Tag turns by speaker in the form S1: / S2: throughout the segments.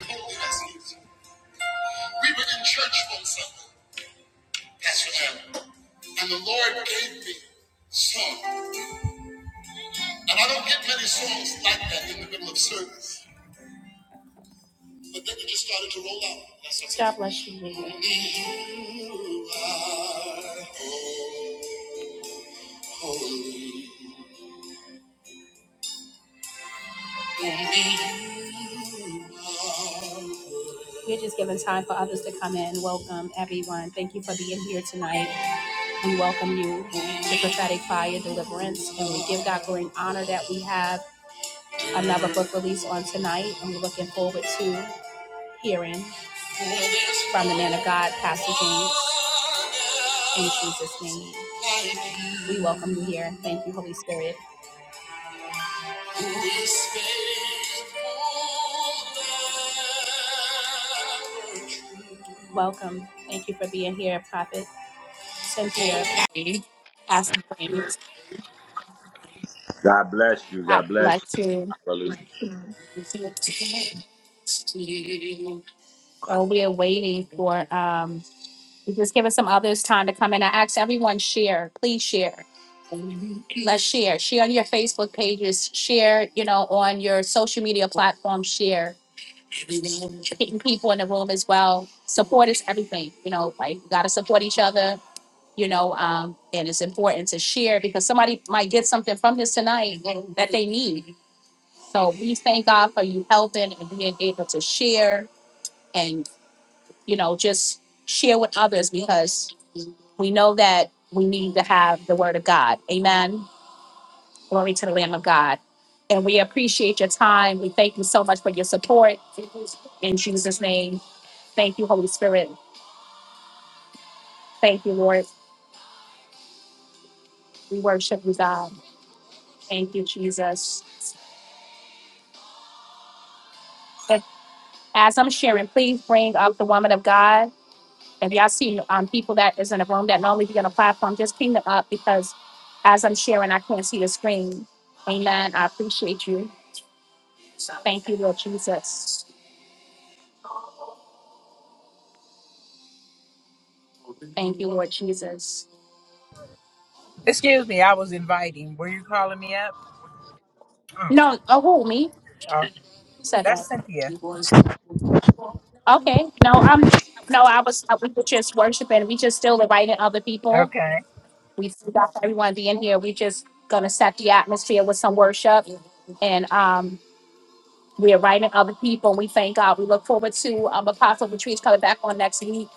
S1: We were in church one Sunday, Pastor Aaron, and the Lord gave me a song. And I don't get many songs like that in the middle of service, but then it just started to roll out. That's what God bless you, Lord. You are holy. We're just giving time for others to come in. Welcome, everyone. Thank you for being here tonight. We welcome you to prophetic fire deliverance, and we give God glory and honor that we have. another book release on tonight. I'm looking forward to hearing from the man of God, Pastor James, in Jesus' name. We welcome you here. Thank you, Holy Spirit. Welcome. Thank you for being here, Prophet Cynthia. Pastor James,
S2: God bless you.
S1: I'd
S2: God bless
S1: like
S2: you.
S1: to.
S2: Hallelujah.
S1: So we are waiting for um, Just give us some others time to come in. I ask everyone share, please share. Let's share. Share on your Facebook pages. Share, you know, on your social media platforms. Share. Hitting people in the room as well. Support is everything. You know, like we gotta support each other. You know, um, and it's important to share because somebody might get something from this tonight that they need. So we thank God for you helping and being able to share and you know, just share with others because we know that we need to have the word of God. Amen. Glory to the Lamb of God. And we appreciate your time. We thank you so much for your support. In Jesus' name, thank you, Holy Spirit. Thank you, Lord. We worship you, God. Thank you, Jesus. As I'm sharing, please bring up the woman of God. If y'all see um, people that is in a room that normally be on a platform, just ping them up because as I'm sharing, I can't see the screen. Amen. I appreciate you. Thank you, Lord Jesus. Thank you, Lord Jesus.
S3: Excuse me, I was inviting. Were you calling me up? Oh,
S1: No, oh, who me?
S3: oh,
S1: Who said that?
S3: that's Cynthia.
S1: Okay. No, um, no, I was. uh, We were just worshiping. We just still inviting other people.
S3: Okay.
S1: We got everyone being here. We just gonna set the atmosphere with some worship, and um, we are inviting other people. We thank God. We look forward to um, Apostle Retreats coming back on next week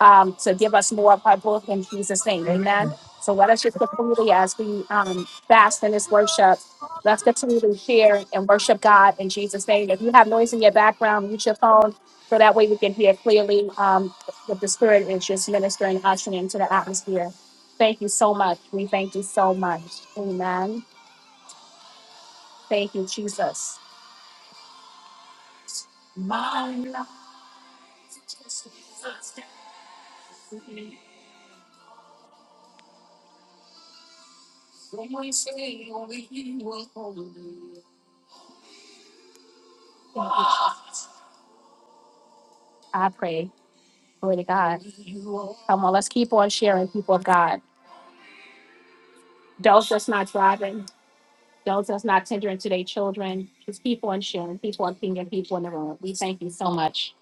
S1: um, to give us more of her book in Jesus' name. Amen.
S3: Amen.
S1: So let us just continue as we um, fast in this worship. Let's continue to share and worship God in Jesus' name. If you have noise in your background, mute your phone so that way we can hear clearly um, what the Spirit is just ministering, ushering into the atmosphere. Thank you so much. We thank you so much. Amen. Thank you, Jesus. Thank you, Jesus. I pray. Glory to God. Come on, let's keep on sharing, people of God. Those that's not driving. Those that's not tendering to their children. Just keep on sharing, keep on pinging people in the room. We thank you so much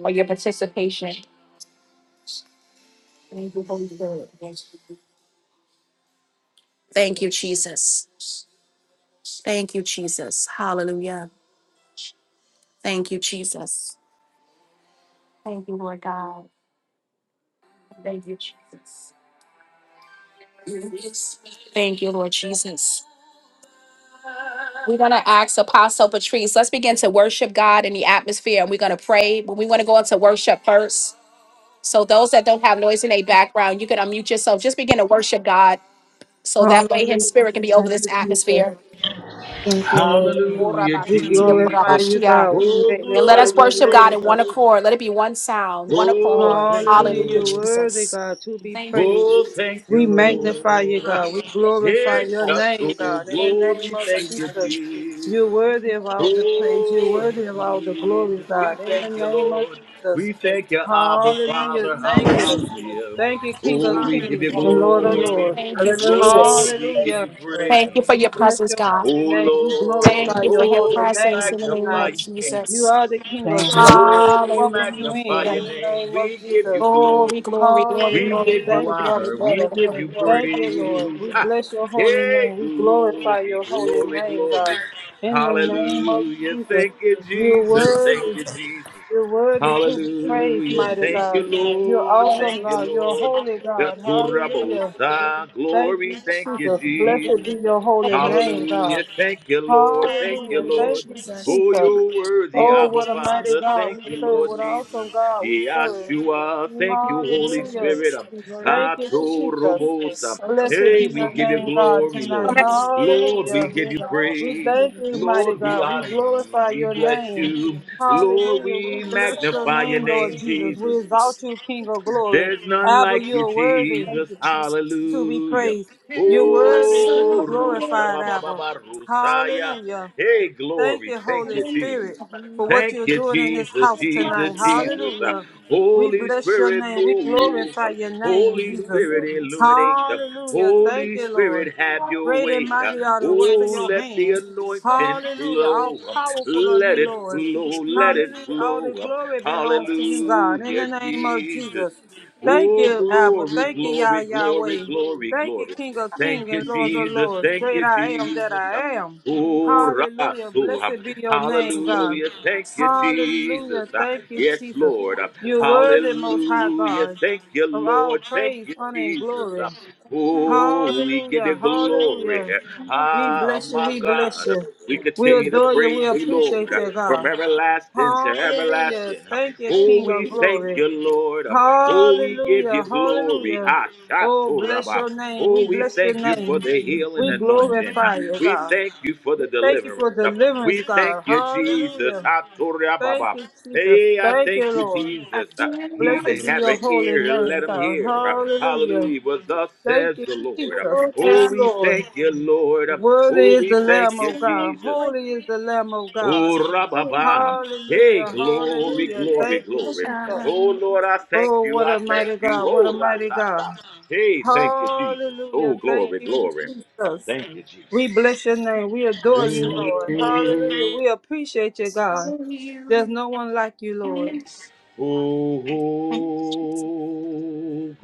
S1: for your participation. Holy Spirit. Thank you, Jesus. Thank you, Jesus. Hallelujah. Thank you, Jesus. Thank you, Lord God. Thank you, Jesus. Thank you, Lord Jesus. We're going to ask Apostle Patrice, let's begin to worship God in the atmosphere and we're going to pray, but we want to go into worship first. So, those that don't have noise in their background, you can unmute yourself. Just begin to worship God So that way his
S4: Hallelujah.
S1: spirit can be over
S4: Thank
S1: this
S4: you, Jesus.
S1: atmosphere.
S4: Thank you, Lord.
S2: Hallelujah,
S4: We
S1: And
S4: glorify
S2: Jesus.
S4: you, God. We
S2: Oh,
S1: let
S4: magnify
S1: us
S2: glory,
S4: your
S1: worship God
S4: name,
S2: glory,
S1: in one
S4: God.
S2: glory.
S1: accord. Let it be one sound, one
S2: Oh,
S1: accord.
S2: thank you,
S4: Hallelujah.
S1: Hallelujah,
S4: You're
S2: Lord.
S4: worthy,
S1: Jesus.
S4: God, to be
S1: Thank you.
S2: Oh,
S4: praised.
S2: thank you,
S4: We magnify you, God.
S2: Lord.
S4: We
S1: Hallelujah.
S2: Hey,
S4: glorify your name,
S2: Shato,
S4: God. In the
S1: Thank you,
S4: name
S2: glory,
S4: of
S2: thank
S1: Jesus.
S2: you,
S4: Jesus.
S2: Jesus.
S4: You're worthy of all the praise. You're
S2: Oh,
S4: worthy of all the
S2: Jesus,
S4: glory,
S2: we
S4: God. In the
S2: thank you,
S4: name of
S2: Lord.
S4: Jesus.
S2: We thank you, Abba,
S4: Hallelujah.
S2: Father.
S4: Thank you.
S2: Hallelujah.
S4: Thank you, King
S2: Oh,
S4: of
S2: we give you
S4: Kings and Lord of
S2: glory.
S4: Lords.
S1: Thank you,
S3: Hallelujah.
S2: Lord,
S1: Jesus.
S2: we give
S3: Thank
S4: Hallelujah.
S2: you
S3: you, Lord.
S1: Thank
S3: Thank
S1: you
S2: praise.
S1: for
S4: We
S3: you.
S1: your
S4: bless
S1: presence,
S4: your
S1: God.
S2: Oh
S4: holy name. We
S2: Lord,
S1: Thank
S4: glorify
S1: you for
S4: your
S1: your
S2: oh,
S4: holy
S2: we
S1: presence
S4: name
S1: in the name
S2: magnify
S1: of
S4: tonight.
S2: your name.
S4: You
S1: Jesus.
S4: are the King
S3: Thank
S4: of
S3: you.
S4: glory.
S2: Lord,
S4: We
S2: we
S4: welcome you
S2: magnify
S4: in
S1: Hallelujah.
S4: in
S2: your
S4: the
S2: name.
S4: name of
S2: We give you
S4: Jesus.
S1: Glory,
S2: glory.
S1: glory, glory,
S2: We
S4: Hallelujah.
S1: glory,
S2: give you
S1: glory,
S4: Thank you,
S1: glory, glory,
S2: honor.
S1: glory,
S2: We
S4: Jesus.
S2: give
S1: glory,
S2: you
S1: glory,
S4: Thank you, Lord.
S2: praise.
S4: We
S2: Ah,
S4: bless your holy
S2: Hey,
S4: name. We glorify
S2: glory,
S4: your holy
S2: glory,
S4: name, God.
S2: glory.
S4: In the name of
S2: Hallelujah.
S4: Jesus,
S2: Thank you,
S4: you're
S2: Jesus. Thank
S4: worthy.
S2: you, Jesus.
S4: You're worthy to be praised,
S2: Hallelujah.
S4: mighty
S2: Thank
S4: God.
S2: you,
S4: You're
S2: Lord.
S1: Thank
S4: awesome,
S1: you,
S2: Thank you,
S1: Jesus.
S4: God. You're
S2: Lord.
S4: holy,
S1: Hallelujah.
S2: The
S4: God.
S1: Hallelujah.
S4: Hallelujah.
S2: Turabosa.
S4: Thank
S1: Hallelujah.
S2: Glory.
S4: you,
S2: Thank you,
S4: Jesus.
S1: Hallelujah.
S4: Blessed
S2: Jesus.
S4: be your holy
S1: Hallelujah.
S4: name,
S2: Hallelujah.
S4: God.
S2: Thank you, Lord. Thank
S1: Thank
S2: you,
S4: Hallelujah.
S1: you, Lord
S2: Lord.
S4: Thank you,
S1: Jesus.
S2: Oh,
S4: Jesus.
S2: you're worthy,
S1: Thank
S4: Oh,
S1: you,
S2: Abba
S4: what a mighty
S1: Jesus.
S2: Father.
S4: God we
S2: Thank you,
S1: Hallelujah.
S4: serve.
S2: Lord
S4: What an
S2: Jesus.
S4: awesome God we serve.
S2: Yeshua.
S1: Thank
S2: Thank
S1: you,
S2: you,
S1: Jesus.
S2: Holy
S4: Hallelujah.
S2: Spirit.
S1: The word
S4: Thank you, Jesus.
S1: is
S2: Atorobosa.
S1: so
S4: Blessed be
S2: Hey,
S1: concerned
S2: we
S4: your
S1: for
S2: give
S1: the
S2: you
S4: name,
S1: Lord
S4: God,
S2: glory,
S1: Jesus
S4: tonight.
S2: Lord.
S1: Christ.
S2: Lord, we
S4: Hallelujah.
S1: We
S2: give
S1: are the
S2: you
S1: Lord.
S4: We
S2: praise.
S1: We are
S4: thank
S1: the
S4: you, mighty
S2: Lord,
S1: Lord.
S2: we
S4: God. We
S2: honor you.
S4: glorify
S2: We
S4: your
S2: bless
S4: name.
S2: you. Lord,
S4: Hallelujah. We
S2: we
S4: bless your
S2: magnify your
S4: name,
S1: Thank
S4: Lord
S2: name,
S1: you,
S4: Jesus.
S2: Jesus.
S4: We exalt
S1: Jesus.
S4: you, King of glory.
S2: There's none
S4: Abba,
S2: like
S4: you
S2: you,
S4: are worthy
S1: Thank
S2: Jesus.
S1: you, Jesus.
S4: to be
S2: Hallelujah.
S4: praised. You're
S1: In
S4: worthy to be
S2: Oh,
S1: myself, Lord. In
S2: Rusha
S4: glorified,
S2: Baba
S4: Abba.
S2: Baba
S1: myself,
S2: Rusaya.
S1: Lord.
S4: Hallelujah.
S2: Hey,
S4: Thank
S2: glory.
S4: you,
S2: Thank
S4: Holy
S2: you,
S1: Thank you.
S4: Spirit,
S2: Jesus.
S1: I
S4: for what you're
S2: Thank you,
S4: doing in this
S2: Jesus,
S4: house
S1: give myself, oh God.
S4: tonight.
S2: Jesus,
S1: Myself,
S2: Jesus. Uh,
S4: Hallelujah. We
S1: Lord.
S2: Holy
S4: bless your
S2: Spirit,
S4: name. We
S2: move.
S4: glorify
S2: Uh,
S4: your name,
S2: Holy
S4: Jesus.
S2: Spirit,
S1: Oh
S2: illuminate. Uh,
S4: Hallelujah. Thank
S2: Holy
S4: you, Lord.
S2: Spirit, have your
S4: Great
S2: way.
S4: and
S2: Uh,
S4: mighty
S1: God.
S4: are the
S1: Myself,
S4: works of
S2: Oh,
S4: your
S2: let the
S4: hands.
S1: so
S2: anointing
S4: Hallelujah. All
S2: flow. Uh,
S4: powerful are
S2: Let
S4: you,
S2: it
S4: Lord.
S2: flow. Let it
S4: Hallelujah. All
S2: flow.
S4: the
S2: Uh,
S4: glory belongs to you, God. In
S2: Hallelujah,
S4: the name of
S2: Jesus.
S4: Jesus. Thank
S2: Oh,
S4: you, Abba.
S2: glory,
S4: Thank you, Yah
S2: glory, glory,
S4: Yahweh.
S2: glory,
S4: Thank you,
S2: glory.
S4: King of kings
S2: Thank you,
S4: and Lords of
S2: Jesus.
S4: Lords.
S2: Thank
S4: Great
S2: you,
S4: I am that
S2: Jesus. Uh,
S4: I am.
S2: Oh,
S4: Hallelujah.
S2: Rabasu.
S4: Blessed be your name, God.
S2: Hallelujah. Thank you, Jesus.
S4: Hallelujah.
S2: Uh,
S4: Thank you,
S2: Yes,
S4: Jesus.
S2: Lord. Uh,
S4: You're worthy, most high
S2: Hallelujah.
S4: God,
S2: Thank you,
S4: of all
S2: Lord. Thank
S4: praise,
S2: you,
S4: honor, and
S2: Jesus.
S4: glory.
S2: Uh, Oh, we give you
S4: Hallelujah.
S2: glory.
S4: Hallelujah. We
S2: Ah,
S4: bless you.
S2: my
S4: We bless
S2: God.
S4: you.
S2: We
S4: We
S2: continue to
S4: adore you.
S2: praise
S4: We
S2: you,
S4: appreciate
S2: Lord, uh,
S4: you,
S2: from
S4: God.
S2: everlasting to
S4: Hallelujah.
S2: everlasting. Um,
S4: Thank you,
S2: Oh,
S4: King of
S2: we thank
S4: glory.
S2: you, Lord. Um, Oh, we give you
S4: Hallelujah.
S2: glory.
S4: Hallelujah.
S2: Ha,
S4: Oh, bless
S2: shaturaba.
S4: your name. We
S2: Oh, we
S4: bless your
S2: thank you for
S4: name.
S2: the healing
S4: We
S2: anointing. Uh,
S4: glorify you,
S2: We
S4: God.
S2: thank you for
S4: We
S2: the
S4: thank you
S2: deliverance.
S4: for
S2: Uh,
S4: deliverance,
S2: We thank
S4: God.
S2: you, Jesus.
S4: Hallelujah.
S2: Ha,
S4: Thank you, Jesus.
S2: Hey, I
S4: Thank you,
S2: thank you,
S4: Lord.
S2: Jesus. Uh, He
S4: Blessed
S2: that
S4: be
S2: have
S4: your
S2: an
S4: holy
S2: ear,
S4: name,
S2: let him
S4: God.
S2: hear. Uh,
S4: Hallelujah.
S2: Hallelujah. Well, thus says
S4: Thank you,
S2: the Lord. Uh,
S4: Jesus.
S2: Oh,
S4: Yes,
S2: we
S4: Lord.
S2: thank you, Lord. Uh,
S4: Worthy
S2: Oh,
S4: is
S2: we
S4: the
S2: thank
S4: Lamb
S2: you,
S4: of God.
S2: Jesus.
S4: Holy is the Lamb of
S2: Oh,
S4: God.
S2: rababa. Hey,
S4: Hallelujah.
S2: glory,
S4: Hallelujah.
S2: glory,
S4: Thank you,
S2: glory.
S4: Jesus.
S2: Oh, Lord, I thank
S4: Oh,
S2: you.
S4: what
S2: I
S4: a
S2: thank
S4: mighty
S2: you.
S4: God. What a
S2: Oh,
S4: mighty God.
S2: ratata. Hey, thank you, Jesus.
S4: Hallelujah.
S2: Oh,
S4: Thank
S2: glory,
S4: you,
S2: glory.
S4: Jesus.
S2: Thank you,
S4: We
S2: Jesus.
S4: bless your name. We adore you, Lord. Hallelujah.
S2: Mm.
S4: We appreciate you, God. There's
S1: you.
S4: no one like you, Lord.
S2: Oh, oh,
S1: Thank you.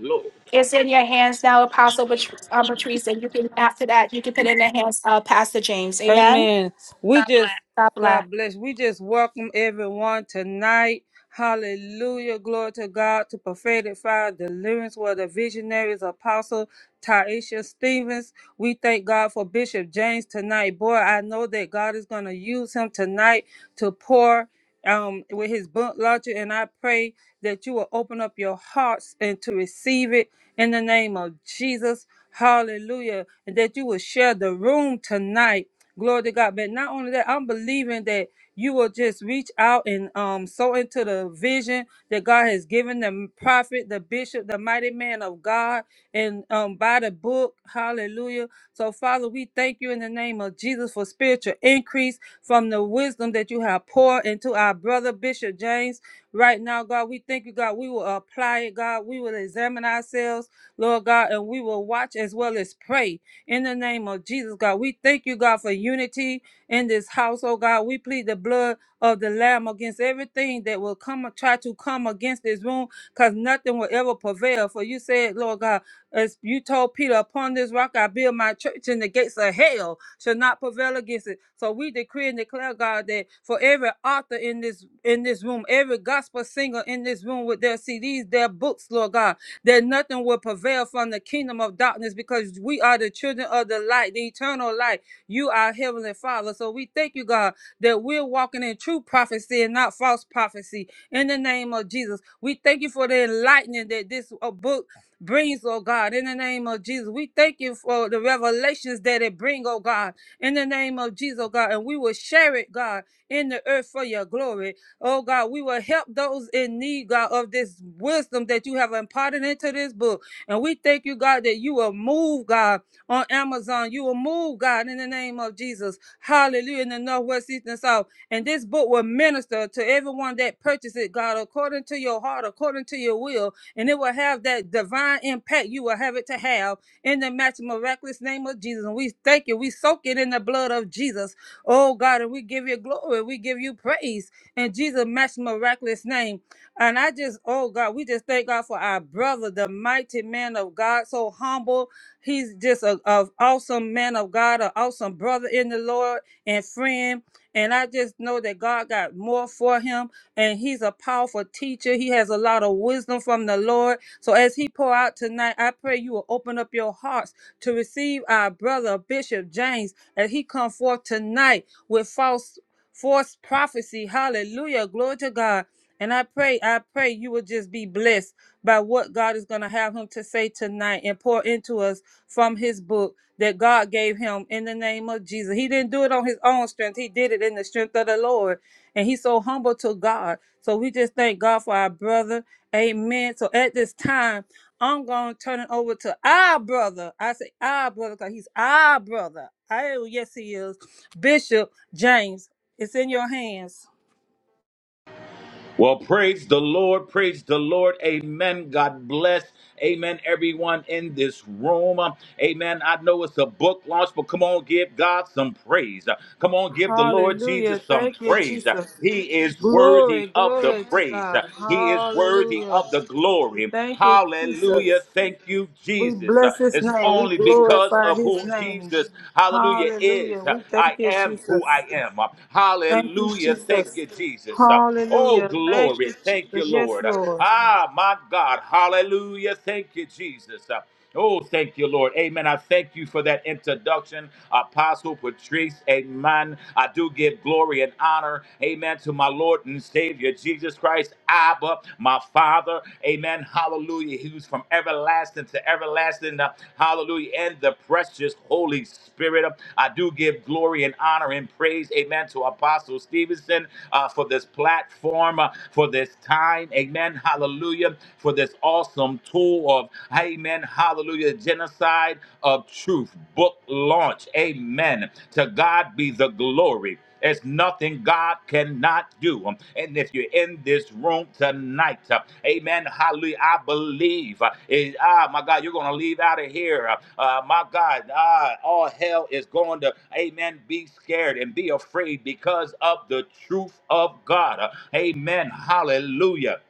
S2: glory.
S1: It's in your hands now, Apostle Pat- uh, Patrice, and you can, after that, you can put it in the hands of Pastor James. Amen.
S4: Amen. We God bless. just
S1: God bless.
S4: God bless. We just welcome everyone tonight. Hallelujah. Glory to God to prophetic fire deliverance where the visionaries apostle Taisha Stevens. We thank God for Bishop James tonight. Boy, I know that God is gonna use him tonight to pour um with his book launcher. And I pray that you will open up your hearts and to receive it in the name of Jesus. Hallelujah. And that you will share the room tonight. Glory to God. But not only that, I'm believing that you will just reach out and um sow into the vision that God has given the prophet, the bishop, the mighty man of God, and um by the book. Hallelujah. So, Father, we thank you in the name of Jesus for spiritual increase from the wisdom that you have poured into our brother Bishop James. Right now, God, we thank you, God. We will apply it, God. We will examine ourselves, Lord God, and we will watch as well as pray. In the name of Jesus, God, we thank you, God, for unity in this house, oh God. We plead the blood of the Lamb against everything that will come try to come against this room, because nothing will ever prevail. For you said, Lord God, as you told Peter, upon this rock I build my church, and the gates of hell shall not prevail against it. So we decree and declare, God, that for every author in this in this room, every gospel singer in this room with their CDs, their books, Lord God that nothing will prevail from the kingdom of darkness because we are the children of the light, the eternal light. You are Heavenly Father. So we thank you, God, that we're walking in true prophecy and not false prophecy in the name of Jesus. We thank you for the enlightening that this uh, book brings, oh God, in the name of Jesus. We thank you for the revelations that it brings, oh God, in the name of Jesus, oh God. And we will share it, God, in the earth for your glory Oh God, we will help those in need, God, of this wisdom that you have imparted into this book. And we thank you, God, that you will move, God, on Amazon. You will move, God, in the name of Jesus. Hallelujah. In the north, west, east, and south. And this book will minister to everyone that purchases it, God, according to your heart, according to your will. And it will have that divine impact you will have it to have in the matchless, miraculous name of Jesus. And we thank you. We soak it in the blood of Jesus. Oh God, and we give you glory. We give you praise in Jesus' match miraculous name. And I just, oh God, we just thank God for our brother, the mighty man of God, so humble. He's just a, a awesome man of God, an awesome brother in the Lord and friend. And I just know that God got more for him. And he's a powerful teacher. He has a lot of wisdom from the Lord. So as he pour out tonight, I pray you will open up your hearts to receive our brother Bishop James as he come forth tonight with false false prophecy. Hallelujah. Glory to God. And I pray, I pray you will just be blessed by what God is going to have him to say tonight and pour into us from his book that God gave him in the name of Jesus. He didn't do it on his own strength, he did it in the strength of the Lord. And he's so humble to God. So we just thank God for our brother. Amen. So at this time, I'm going to turn it over to our brother. I say our brother because he's our brother. Oh, yes, he is. Bishop James, it's in your hands.
S2: Well, praise the Lord, praise the Lord. Amen. God bless. Amen. Everyone in this room. Amen. I know it's a book launch, but come on, give God some praise. Come on, give the Lord
S4: Hallelujah.
S2: Jesus some
S4: Thank you,
S2: praise.
S4: Jesus.
S2: He is
S4: Glory,
S2: worthy of the
S4: glory to
S2: praise,
S4: God.
S2: He is worthy
S4: Hallelujah.
S2: of the glory.
S4: Thank you,
S2: Hallelujah.
S4: Jesus.
S2: Thank you,
S4: We
S2: Jesus.
S4: bless his
S2: It's
S4: name. We
S2: only because
S4: glorify
S2: of
S4: his
S2: who who
S4: name.
S2: Jesus, hallelujah,
S4: Hallelujah.
S2: is. uh,
S4: We thank
S2: I
S4: you,
S2: am who
S4: Jesus.
S2: I am. Uh,
S4: Thank you,
S2: Hallelujah. Thank
S4: Jesus.
S2: you, Jesus. Uh, Oh,
S4: Hallelujah. Thank
S2: glory.
S4: you,
S2: Thank
S4: Jesus.
S2: you,
S4: Yes,
S2: Lord. Uh,
S4: Lord.
S2: Ah, my God. Hallelujah. Thank you, Jesus. Uh, Oh, thank you, Lord. Amen. I thank you for that introduction, Apostle Patrice. Amen. I do give glory and honor, amen, to my Lord and Savior, Jesus Christ. Abba, my Father. Amen. Hallelujah. He was from everlasting to everlasting. Uh, Hallelujah. And the precious Holy Spirit. I do give glory and honor and praise. Amen. To Apostle Stevenson uh, for this platform, uh, for this time. Amen. Hallelujah. For this awesome tool of, amen. Hallelujah. Genocide of truth book launch. Amen. To God be the glory. There's nothing God cannot do. Um, And if you're in this room tonight, uh, amen, hallelujah, I believe. uh, it- ah, my God, you're going to leave out of here. Uh, uh, my God, ah, all hell is going to, amen, be scared and be afraid because of the truth of God. Uh, amen, hallelujah.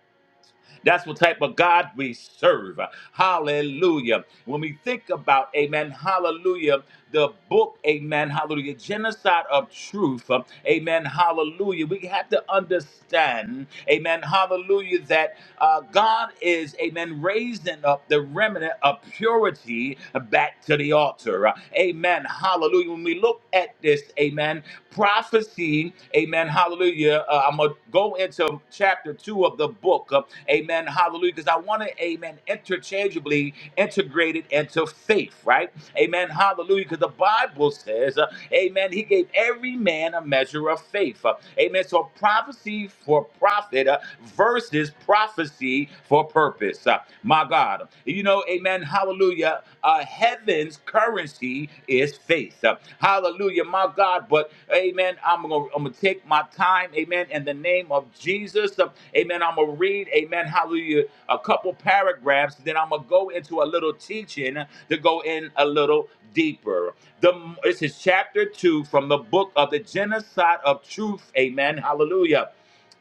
S2: That's what type of God we serve. Hallelujah. When we think about, amen, hallelujah, the book, amen, hallelujah, genocide of truth, uh, amen, hallelujah, we have to understand, amen, hallelujah, that uh, God is, amen, raising up the remnant of purity back to the altar. Uh, Amen, hallelujah. When we look at this, amen, prophecy, amen, hallelujah, uh, I'm going I'm going to go into chapter two of the book. uh, Amen. Hallelujah. Because I want to, amen, interchangeably integrate it into faith, right? Amen. Hallelujah. Because the Bible says, uh, amen, he gave every man a measure of faith. uh, amen. So prophecy for profit uh, versus prophecy for purpose. uh, my God. You know, amen. Hallelujah. Uh, heaven's currency is faith. uh, hallelujah. My God. But but amen. I'm gonna I'm gonna take my time, amen, in the name of Jesus. Uh, Amen. I'm gonna read, amen, hallelujah, a couple paragraphs, then I'm gonna go into a little teaching to go in a little deeper. The this is chapter two from the book of the genocide of truth, amen, hallelujah.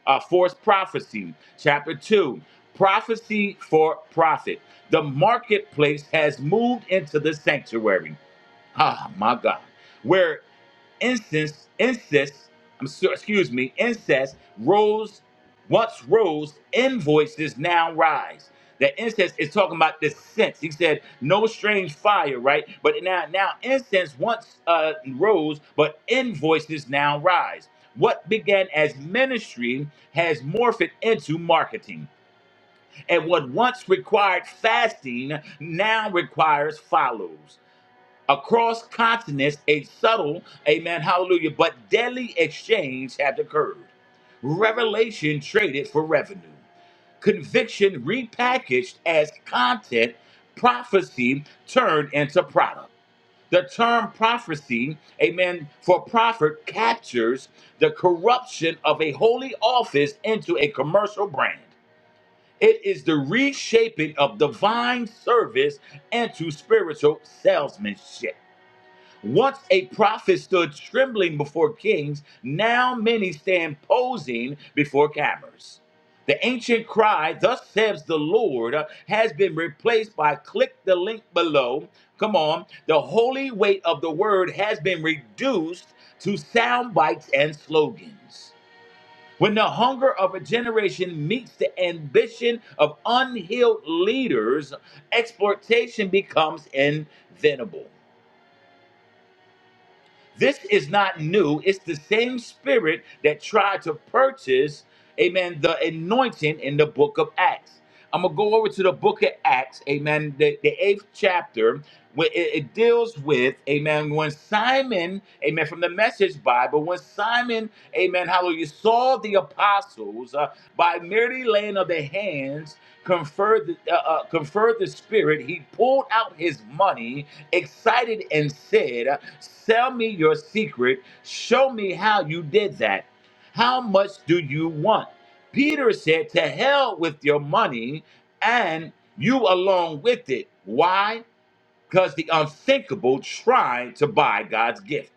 S2: Uh, forced prophecy, chapter two, prophecy for profit. The marketplace has moved into the sanctuary. Ah, my God. Where incense, incest, I'm so, excuse me, incest rose, once rose, invoices now rise. That incense is talking about the sense. He said, no strange fire, right? But now, now incense once uh, rose, but invoices now rise. What began as ministry has morphed into marketing. And what once required fasting now requires follows. Across continents, a subtle, amen, hallelujah, but deadly exchange had occurred. Revelation traded for revenue. Conviction repackaged as content, prophecy turned into product. The term prophecy, amen, for profit captures the corruption of a holy office into a commercial brand. It is the reshaping of divine service into spiritual salesmanship. Once a prophet stood trembling before kings, now many stand posing before cameras. The ancient cry, Thus says the Lord, has been replaced by click the link below. Come on. The holy weight of the word has been reduced to sound bites and slogans. When the hunger of a generation meets the ambition of unhealed leaders, exploitation becomes inevitable. This is not new. It's the same spirit that tried to purchase, amen, the anointing in the book of Acts. I'm going to go over to the book of Acts, amen, the, the eighth chapter, where it, it deals with, amen, when Simon, amen, from the message Bible. But when Simon, amen, hallelujah, saw the apostles uh, by merely laying of their hands conferred uh, uh, conferred the Spirit, he pulled out his money, excited, and said, Sell me your secret. Show me how you did that. How much do you want? Peter said, To hell with your money and you along with it. Why? Because the unthinkable tried to buy God's gift.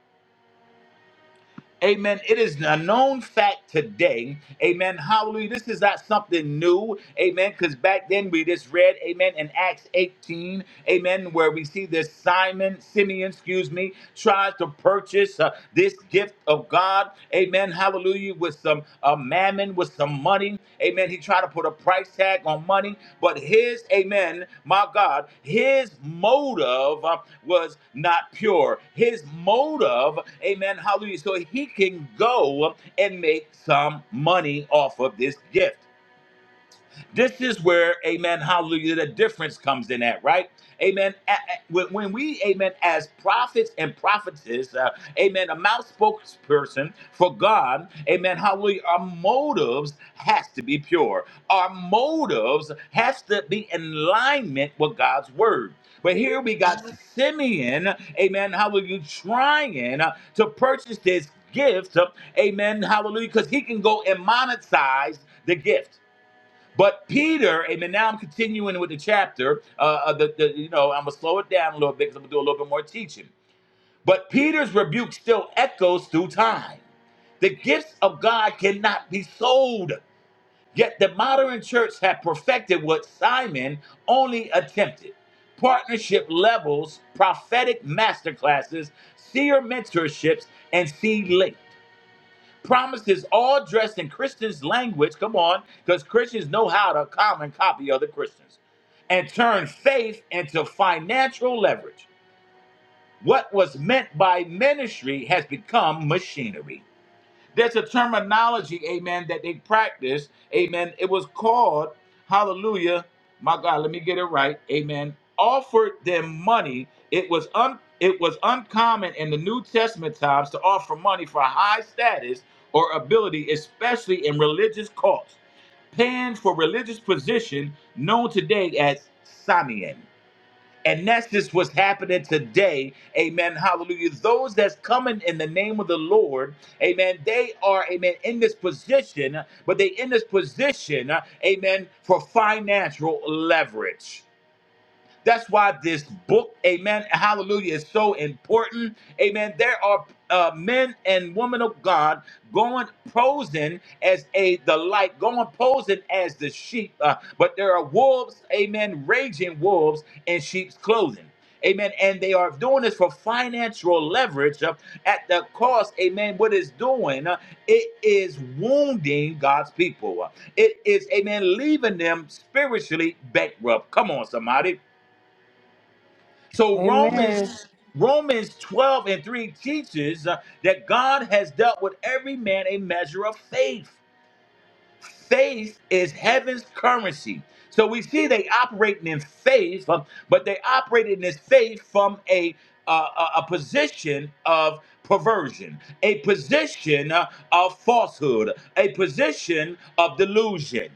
S2: Amen. It is a known fact today. Amen. Hallelujah. This is not something new. Amen. Because back then we just read, Amen, in Acts 18, Amen, where we see this Simon, Simeon, excuse me, tries to purchase uh, this gift of God. Amen. Hallelujah. With some some uh, mammon, with some money. Amen. He tried to put a price tag on money, but his, amen, my God, his motive uh, was not pure. His motive, amen, hallelujah. So he can go and make some money off of this gift. This is where, amen, hallelujah, the difference comes in at, right? Amen. A- a- When when we, amen, as prophets and prophetesses, uh, amen, a mouth spokesperson for God, amen, hallelujah, our motives has to be pure. Our motives has to be in alignment with God's word. But here we got Simeon, amen, hallelujah, trying uh, to purchase this gift, uh, amen, hallelujah, because he can go and monetize the gift. But Peter, amen. Now I'm continuing with the chapter. Uh, uh, the, the, you know, I'm gonna slow it down a little bit because I'm gonna do a little bit more teaching. But Peter's rebuke still echoes through time. The gifts of God cannot be sold. Yet the modern church had perfected what Simon only attempted. Partnership levels, prophetic masterclasses, seer mentorships, and seed link promises all dressed in Christians' language. Come on, because Christians know how to common copy other Christians and turn faith into financial leverage. What was meant by ministry has become machinery. There's a terminology, amen, that they practice, amen. It was called, hallelujah, my God, let me get it right, amen. Offered them money. It was un it was uncommon in the New Testament times to offer money for high status or ability, especially in religious cults paying for religious position known today as Samian. And that's just what's happening today. Amen. Hallelujah. Those that's coming in the name of the Lord, amen, they are, amen, in this position, but they in this position, uh, amen, for financial leverage. That's why this book, amen, hallelujah, is so important. Amen. There are uh, men and women of God going posing as a the light, going posing as the sheep, uh, but there are wolves, amen, raging wolves in sheep's clothing. Amen. And they are doing this for financial leverage uh, at the cost. Amen. What it's doing, uh, it is wounding God's people. Uh, It is, amen, leaving them spiritually bankrupt. Come on, somebody. So
S4: Amen.
S2: Romans Romans 12 and 3 teaches uh, that God has dealt with every man a measure of faith. Faith is heaven's currency. So we see they operating in faith, uh, but they operated in this faith from a uh, a a position of perversion, a position uh, of falsehood, a position of delusion.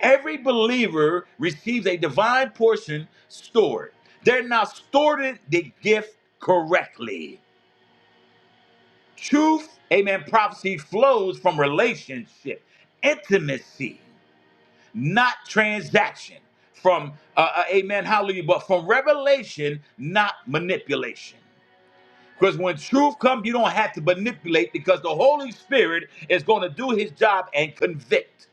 S2: Every believer receives a divine portion stored. They're not stored the gift correctly. Truth, amen, prophecy flows from relationship, intimacy, not transaction. From, uh, uh, amen, hallelujah, but from revelation, not manipulation. Because when truth comes, you don't have to manipulate because the Holy Spirit is going to do his job and convict.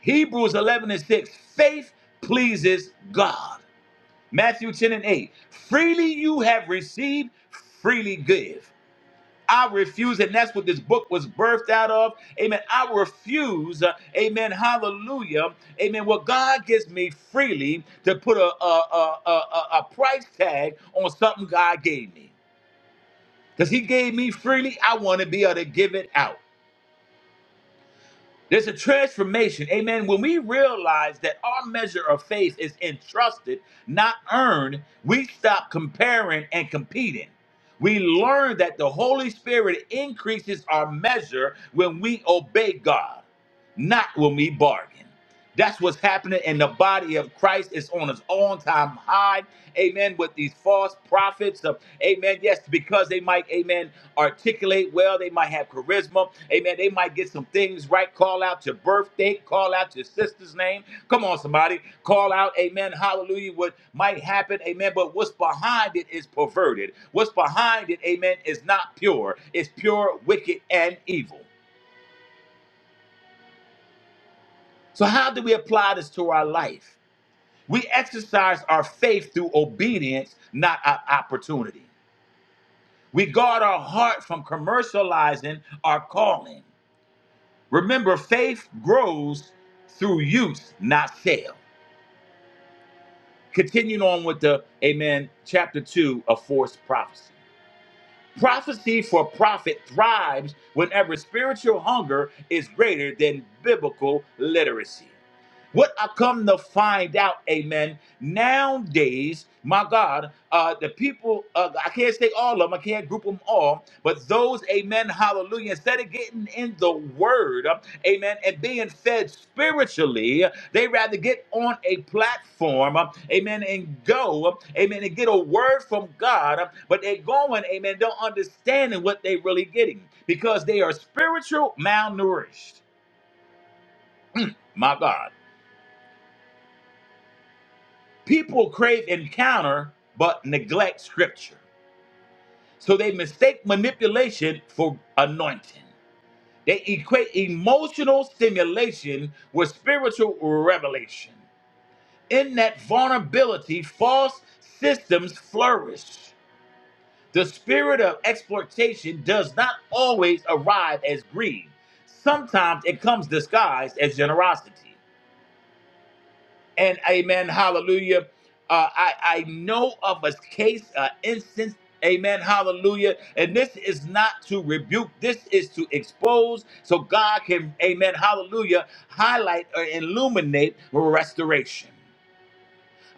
S2: Hebrews 11 and 6 faith pleases God. Matthew 10 and 8 freely you have received, freely give. I refuse, and that's what this book was birthed out of. Amen. I refuse, uh, amen, hallelujah, amen, what God gives me freely to put a, a, a, a, a a price tag on something God gave me. Because He gave me freely, I want to be able to give it out. There's a transformation. Amen. When we realize that our measure of faith is entrusted, not earned, we stop comparing and competing. We learn that the Holy Spirit increases our measure when we obey God not when we bargain. That's what's happening in the body of Christ. It's on its own time high. Amen. With these false prophets of, amen. Yes, because they might, amen, articulate well. They might have charisma. Amen. They might get some things right. Call out your birthday. Call out your sister's name. Come on, somebody. Call out, amen. Hallelujah. What might happen. Amen. But what's behind it is perverted. What's behind it, amen, is not pure. It's pure, wicked, and evil. So, how do we apply this to our life? We exercise our faith through obedience, not our opportunity. We guard our heart from commercializing our calling. Remember, faith grows through use, not sale. Continuing on with the Amen, chapter 2 of Force Prophecy. Prophecy for profit thrives whenever spiritual hunger is greater than biblical literacy. What I come to find out, amen, nowadays, my God, uh, the people, uh, I can't say all of them, I can't group them all, but those, amen, hallelujah, instead of getting in the word, amen, and being fed spiritually, they rather get on a platform, um, amen, and go, amen, and get a word from God, um, but they're going, amen, don't understanding what they are really getting because they are spiritual malnourished, my God. People crave encounter but neglect scripture. So they mistake manipulation for anointing. They equate emotional stimulation with spiritual revelation. In that vulnerability, false systems flourish. The spirit of exploitation does not always arrive as greed, sometimes it comes disguised as generosity. and amen hallelujah uh, I, I know of a case uh, instance amen hallelujah and this is not to rebuke this is to expose so god can amen hallelujah highlight or illuminate restoration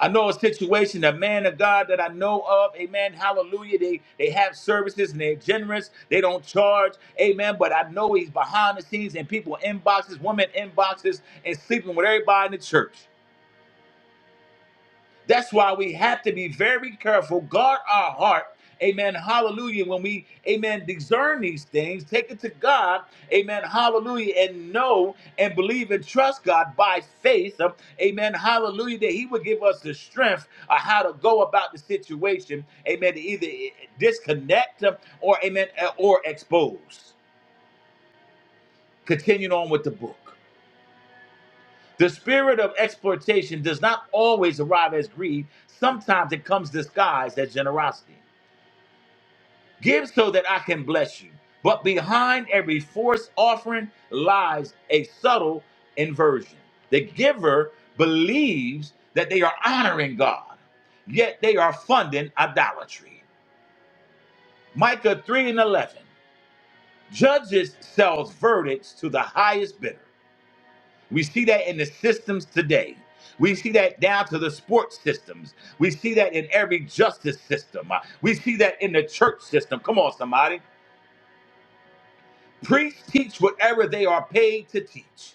S2: I know a situation, a man of God that I know of, amen, hallelujah. They they have services and they're generous. They don't charge, amen. But I know he's behind the scenes and people inboxes, women inboxes, and sleeping with everybody in the church. That's why we have to be very careful, guard our heart. Amen. Hallelujah. When we, amen, discern these things, take it to God. Amen. Hallelujah. And know and believe and trust God by faith. um, Amen. Hallelujah. That He would give us the strength of how to go about the situation. Amen. To either disconnect um, or, amen, uh, or expose. Continuing on with the book. The spirit of exploitation does not always arrive as greed, sometimes it comes disguised as generosity. Give so that I can bless you. But behind every forced offering lies a subtle inversion. The giver believes that they are honoring God, yet they are funding idolatry. Micah 3 and 11 judges sells verdicts to the highest bidder. We see that in the systems today. We see that down to the sports systems. We see that in every justice system. Uh, We see that in the church system. Come on, somebody. Priests teach whatever they are paid to teach.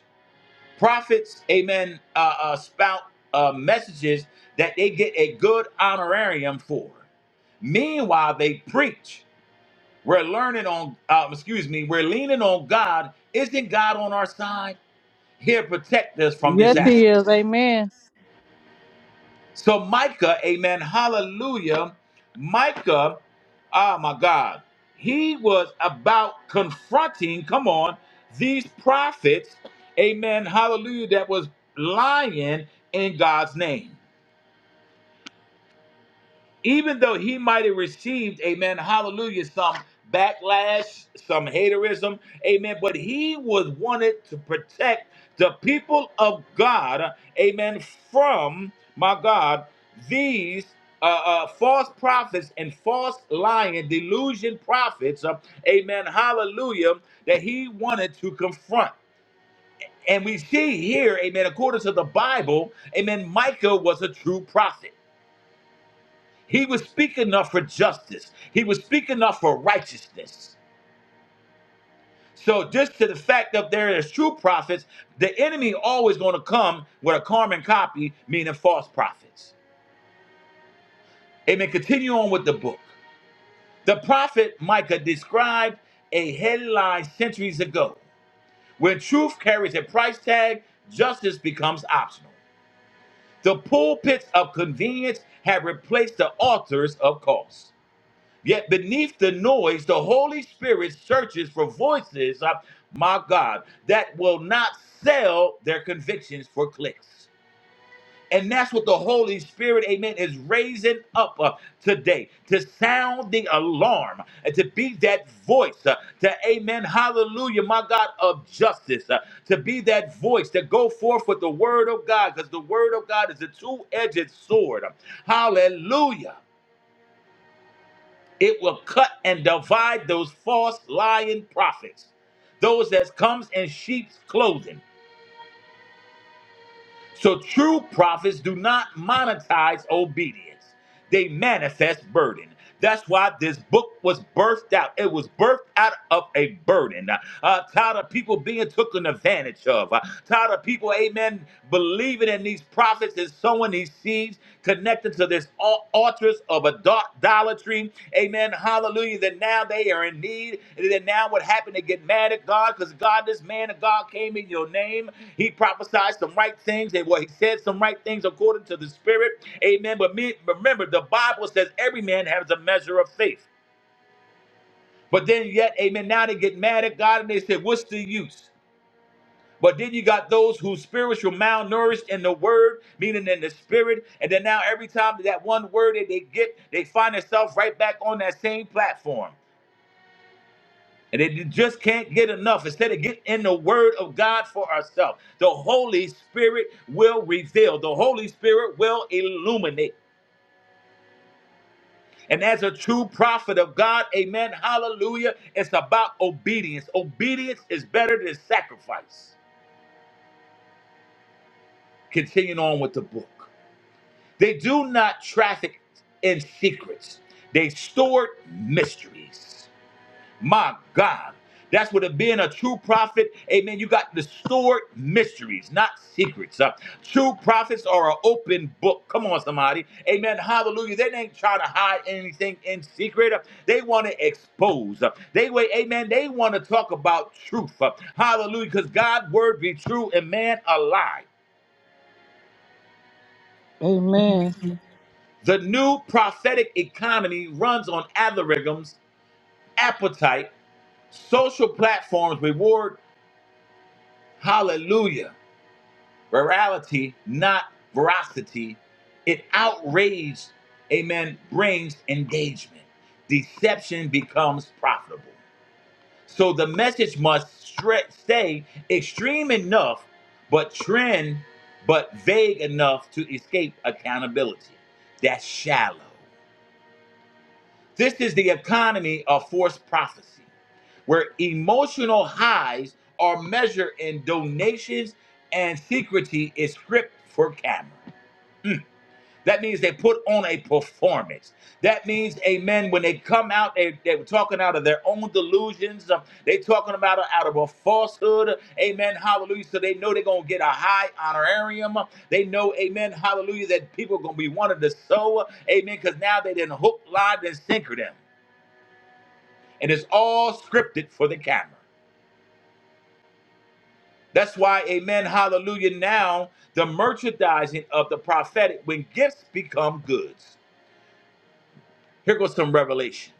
S2: Prophets, amen, uh, uh, spout uh, messages that they get a good honorarium for. Meanwhile, they preach. We're learning on, uh, excuse me, we're leaning on God. Isn't God on our side? He'll protect us from
S4: Yes, he
S2: disaster.
S4: is. Amen.
S2: So Micah, amen, hallelujah. Micah, ah my God, he was about confronting, come on, these prophets, amen, hallelujah, that was lying in God's name even though he might have received, amen, hallelujah, some backlash, some haterism, amen, but he was wanted to protect the people of God, amen, from, my God, these uh, uh, false prophets and false lying, delusion prophets, uh, amen, hallelujah, that he wanted to confront. And we see here, amen, according to the Bible, amen, Micah was a true prophet. He was speaking up for justice. He was speaking up for righteousness. So just to the fact that there is true prophets, the enemy always going to come with a Carmen copy, meaning false prophets. Amen. Continue on with the book. The prophet Micah described a headline centuries ago. When truth carries a price tag, justice becomes optional. The pulpits of convenience have replaced the altars of cost. Yet beneath the noise, the Holy Spirit searches for voices, uh, my God, that will not sell their convictions for clicks. And that's what the Holy Spirit, amen, is raising up uh, today to sound the alarm and to be that voice, uh, to, amen, hallelujah, my God, of justice, uh, to be that voice, to go forth with the word of God, because the word of God is a two edged sword. Hallelujah it will cut and divide those false lying prophets, those that comes in sheep's clothing. So true prophets do not monetize obedience. They manifest burden. That's why this book was birthed out. It was birthed out of a burden. Uh, uh, tired of people being taken advantage of. Uh, tired of people, amen, believing in these prophets and sowing these seeds connected to there's altars of idolatry. Amen. Hallelujah. That now they are in need. And then now what happened? They get mad at God because God, this man of God came in your name. He prophesied some right things. And what he said some right things according to the spirit. Amen. But me, remember, the Bible says every man has a measure of faith. But then yet, amen, now they get mad at God and they say, what's the use? But then you got those whose spirits were malnourished in the word, meaning in the spirit. And then now every time that one word that they get, they find themselves right back on that same platform. And they just can't get enough. Instead of getting in the word of God for ourselves, the Holy Spirit will reveal, the Holy Spirit will illuminate. And as a true prophet of God, amen, hallelujah, it's about obedience. Obedience is better than sacrifice. Continuing on with the book. They do not traffic in secrets. They stored mysteries. My God. That's what it being a true prophet. Amen. You got the stored mysteries, not secrets. Uh, true prophets are an open book. Come on, somebody. Amen. Hallelujah. They ain't trying to hide anything in secret. Uh, They want to expose. Uh, They wait. Amen. They want to talk about truth. Uh, Hallelujah. Because God's word be true and man a lie.
S4: Amen.
S2: The new prophetic economy runs on algorithms, appetite, social platforms, reward, hallelujah, virality, not veracity. It outrage, amen, brings engagement. Deception becomes profitable. So the message must stre- stay extreme enough, but trend, but vague enough to escape accountability. That's shallow. This is the economy of forced prophecy, where emotional highs are measured in donations and secrecy is stripped for camera. That means they put on a performance. That means, amen, when they come out, they, they're talking out of their own delusions. um, they talking about it out of a falsehood. Amen, hallelujah. So they know they're going to get a high honorarium. They know, amen, hallelujah, that people are going to be wanting to sow. Amen, because now they didn't hook, line, and sinker them and it's all scripted for the camera. That's why, amen, hallelujah. Now, the merchandising of the prophetic when gifts become goods. Here goes some revelation.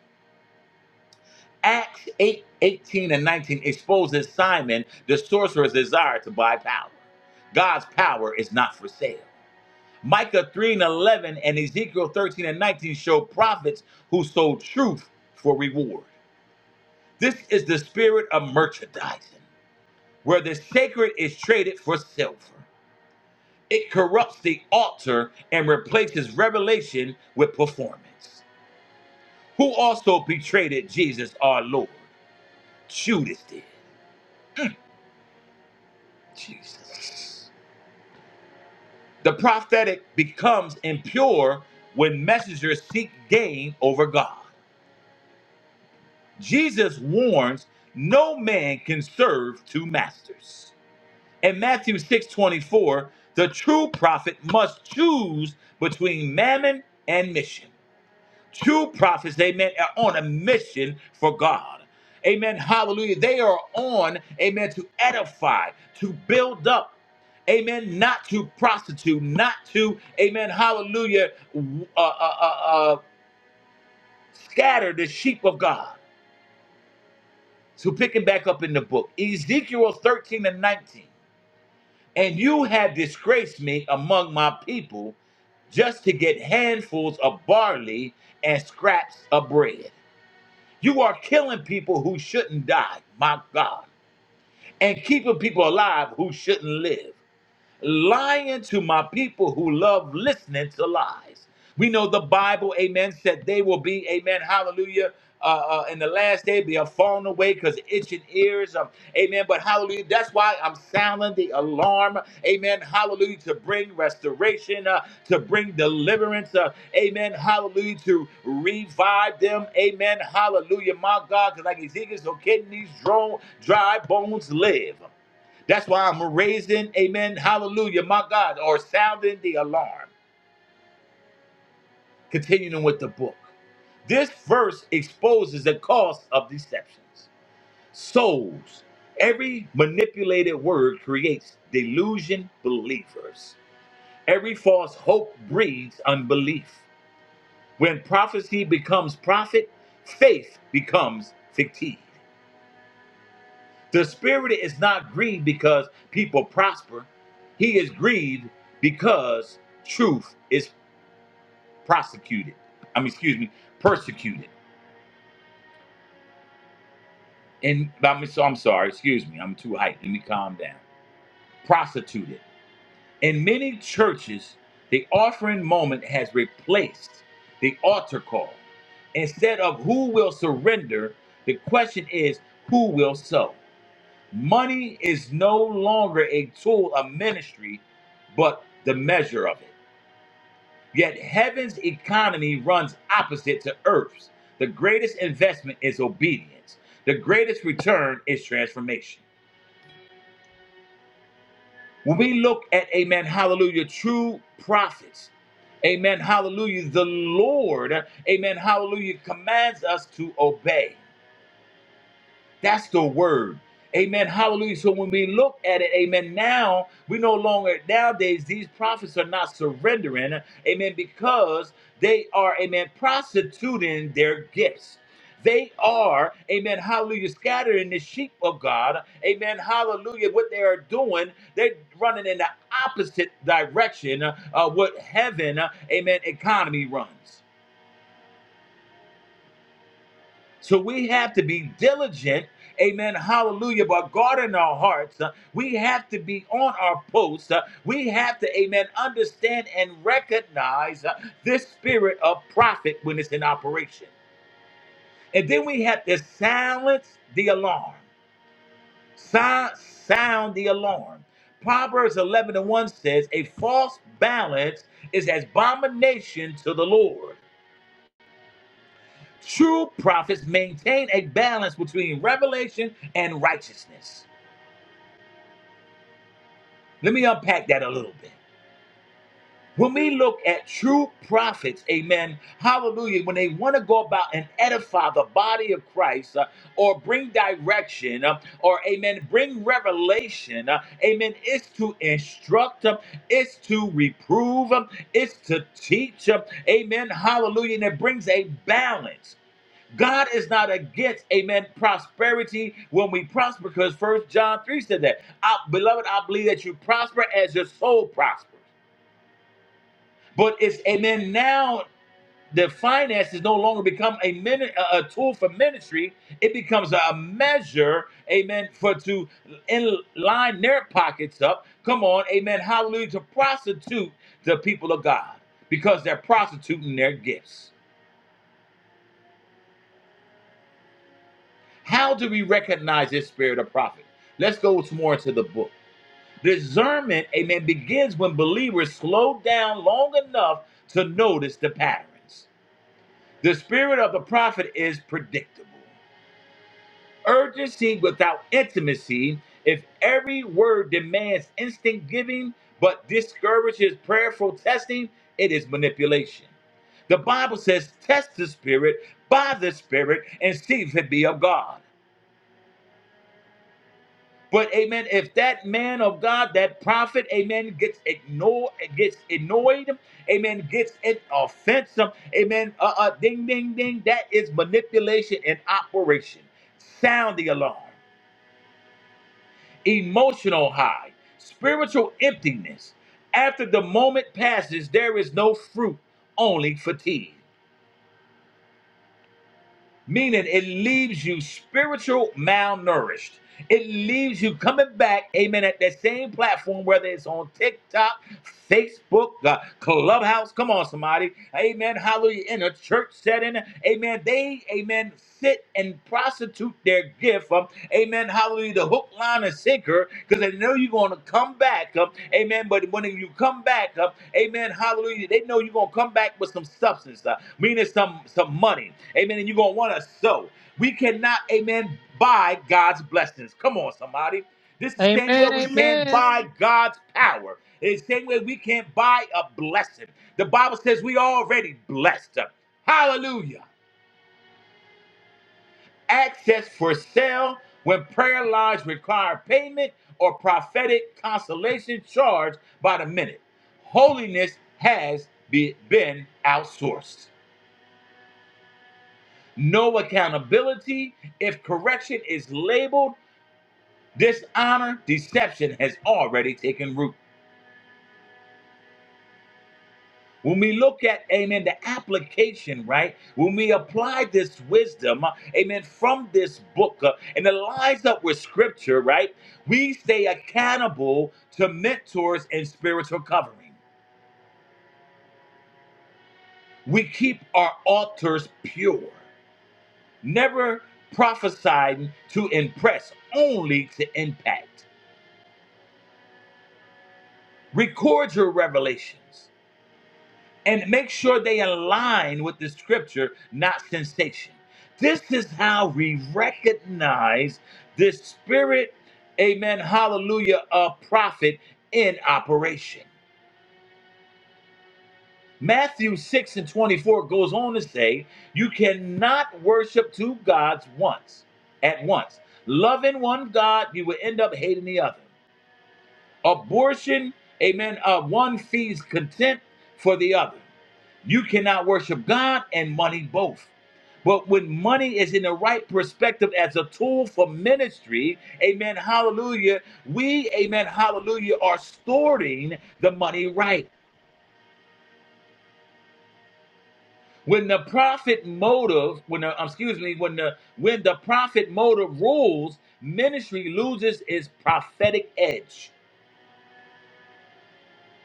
S2: Acts 8, 18, and 19 exposes Simon, the sorcerer's desire to buy power. God's power is not for sale. Micah 3 and 11 and Ezekiel 13 and 19 show prophets who sold truth for reward. This is the spirit of merchandising, where the sacred is traded for silver. It corrupts the altar and replaces revelation with performance. Who also betrayed Jesus our Lord? Judas did. Jesus. The prophetic becomes impure when messengers seek gain over God. Jesus warns no man can serve two masters. In Matthew 6:24, the true prophet must choose between mammon and mission. True prophets, amen, are on a mission for God. Amen. Hallelujah. They are on, amen, to edify, to build up, amen, not to prostitute, not to, amen, hallelujah, w- uh, uh, uh, uh, scatter the sheep of God. So picking back up in the book, Ezekiel 13 and 19. And you have disgraced me among my people just to get handfuls of barley and scraps of bread. You are killing people who shouldn't die, my God, and keeping people alive who shouldn't live lying to my people who love listening to lies. We know the Bible, amen, said they will be, amen, hallelujah. Uh, uh, in the last day, be a falling away because itching ears, um, amen. But hallelujah, that's why I'm sounding the alarm, amen. Hallelujah, to bring restoration, uh, to bring deliverance, uh, amen. Hallelujah, to revive them, amen. Hallelujah, my God, because like Ezekiel's, no kidneys, dry bones live. That's why I'm raising, amen, hallelujah, my God, or sounding the alarm. Continuing with the book. This verse exposes the cost of deceptions. Souls. Every manipulated word creates delusion believers. Every false hope breeds unbelief. When prophecy becomes profit, faith becomes fictive. The spirit is not grieved because people prosper. He is grieved because truth is prosecuted. I mean, excuse me, persecuted. And I'm, so I'm sorry, excuse me, I'm too hyped. Let me calm down. Prostituted. In many churches, the offering moment has replaced the altar call. Instead of who will surrender, the question is who will sow. Money is no longer a tool of ministry, but the measure of it. Yet heaven's economy runs opposite to earth's. The greatest investment is obedience, the greatest return is transformation. When we look at, amen, hallelujah, true prophets, amen, hallelujah, the Lord, amen, hallelujah, commands us to obey. That's the word. Amen. Hallelujah. So when we look at it, amen, now we no longer, nowadays, these prophets are not surrendering, amen, because they are, amen, prostituting their gifts. They are, amen, hallelujah, scattering the sheep of God. Amen, hallelujah. What they are doing, they're running in the opposite direction uh, what heaven, uh, amen, economy runs. So we have to be diligent, amen, hallelujah, but God in our hearts. uh, we have to be on our post. uh, we have to, amen, understand and recognize uh, this spirit of profit when it's in operation. And then we have to silence the alarm. Sound, sound the alarm. Proverbs 11 and 1 says, A false balance is abomination to the Lord. True prophets maintain a balance between revelation and righteousness. Let me unpack that a little bit. When we look at true prophets, amen, hallelujah, when they want to go about and edify the body of Christ uh, or bring direction uh, or, amen, bring revelation, uh, amen, it's to instruct, uh, it's to reprove, uh, it's to teach, uh, amen, hallelujah, and it brings a balance. God is not against, amen, prosperity when we prosper, because First John 3 said that. I, beloved, I believe that you prosper as your soul prospers. But it's, amen, now the finances no longer become a, mini- a a tool for ministry. It becomes a measure, amen, for to in line their pockets up. Come on, amen, hallelujah, to prostitute the people of God because they're prostituting their gifts. How do we recognize this spirit of prophet? Let's go more into the book. Discernment, amen, begins when believers slow down long enough to notice the patterns. The spirit of the prophet is predictable. Urgency without intimacy, if every word demands instant giving but discourages prayerful testing, it is manipulation. The Bible says, test the spirit by the spirit and see if it be of God. But amen, if that man of God, that prophet, amen, gets ignored, gets annoyed, amen, gets it offensive, amen, uh, uh, ding, ding, ding, that is manipulation in operation. Sound the alarm, emotional high, spiritual emptiness. After the moment passes, there is no fruit, only fatigue. meaning it leaves you spiritual malnourished. It leaves you coming back, amen, at that same platform, whether it's on TikTok, Facebook, uh, Clubhouse. Come on, somebody. Amen. Hallelujah. In a church setting, amen. They, amen, sit and prostitute their gift. Um, amen. Hallelujah. The hook, line, and sinker, because they know you're going to come back back up. Amen. But when you come back up, amen, hallelujah, they know you're going to come back with some substance, uh, meaning some, some money. Amen. And you're going to want to sow. We cannot, amen, buy God's blessings. Come on, somebody. This is the same way
S4: Amen.
S2: we can't
S4: Amen.
S2: buy God's power. It's the same way we can't buy a blessing. The Bible says we already blessed. Hallelujah access for sale when prayer lodge require payment or prophetic consolation charged by the minute. Holiness has be- been outsourced. No accountability if correction is labeled dishonor, deception has already taken root. When we look at, amen, the application, right? When we apply this wisdom, uh, amen, from this book uh, and it lines up with scripture, right? We stay accountable to mentors and spiritual covering. We keep our altars pure, never prophesying to impress, only to impact. Record your revelations. and make sure they align with the scripture, not sensation. This is how we recognize the spirit, amen, hallelujah, of prophet in operation. Matthew 6 and 24 goes on to say, You cannot worship two gods once, at once. Loving one God, you will end up hating the other. Abortion, amen, uh, one feeds contempt for the other. You cannot worship God and money both. But when money is in the right perspective as a tool for ministry, amen, hallelujah, we, amen, hallelujah, are storing the money right. When the profit motive, when the, um, excuse me, when the when the profit motive rules, ministry loses its prophetic edge.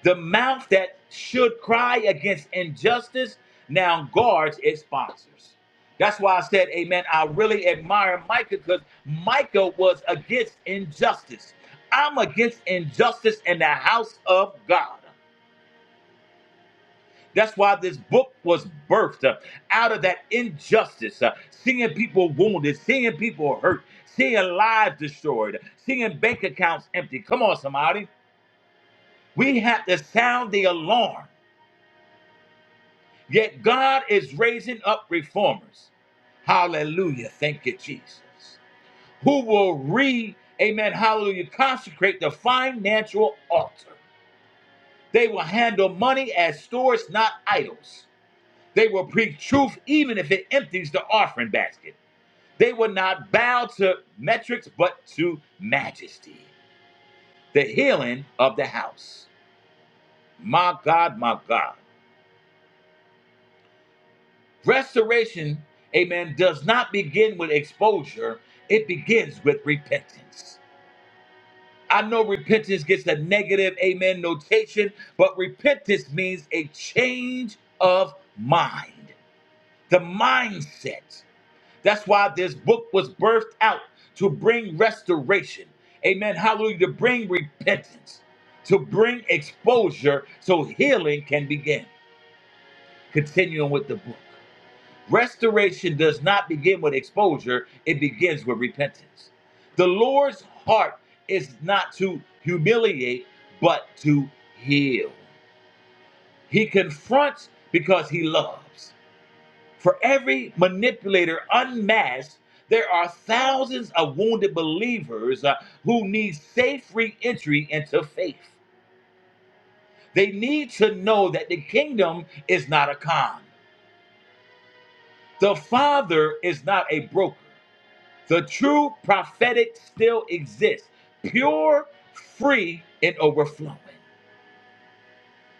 S2: The mouth that should cry against injustice now guards its sponsors. That's why I said, Amen. I really admire Micah because Micah was against injustice. I'm against injustice in the house of God. That's why this book was birthed uh, out of that injustice, uh, seeing people wounded, seeing people hurt, seeing lives destroyed, seeing bank accounts empty. Come on, somebody. We have to sound the alarm Yet God is raising up reformers. Hallelujah. Thank you, Jesus. Who will re, amen, hallelujah, consecrate the financial altar. They will handle money as stores, not idols. They will preach truth even if it empties the offering basket. They will not bow to metrics but to majesty. The healing of the house. My God, my God. Restoration, amen, does not begin with exposure, it begins with repentance. I know repentance gets a negative, amen, notation, but repentance means a change of mind, the mindset. That's why this book was birthed out to bring restoration, amen, hallelujah, to bring repentance, to bring exposure so healing can begin. Continuing with the book. Restoration does not begin with exposure, it begins with repentance. The Lord's heart is not to humiliate, but to heal. He confronts because he loves. For every manipulator unmasked, there are thousands of wounded believers uh, who need safe re entry into faith. They need to know that the kingdom is not a con, the Father is not a broker. The true prophetic still exists, pure, free, and overflowing.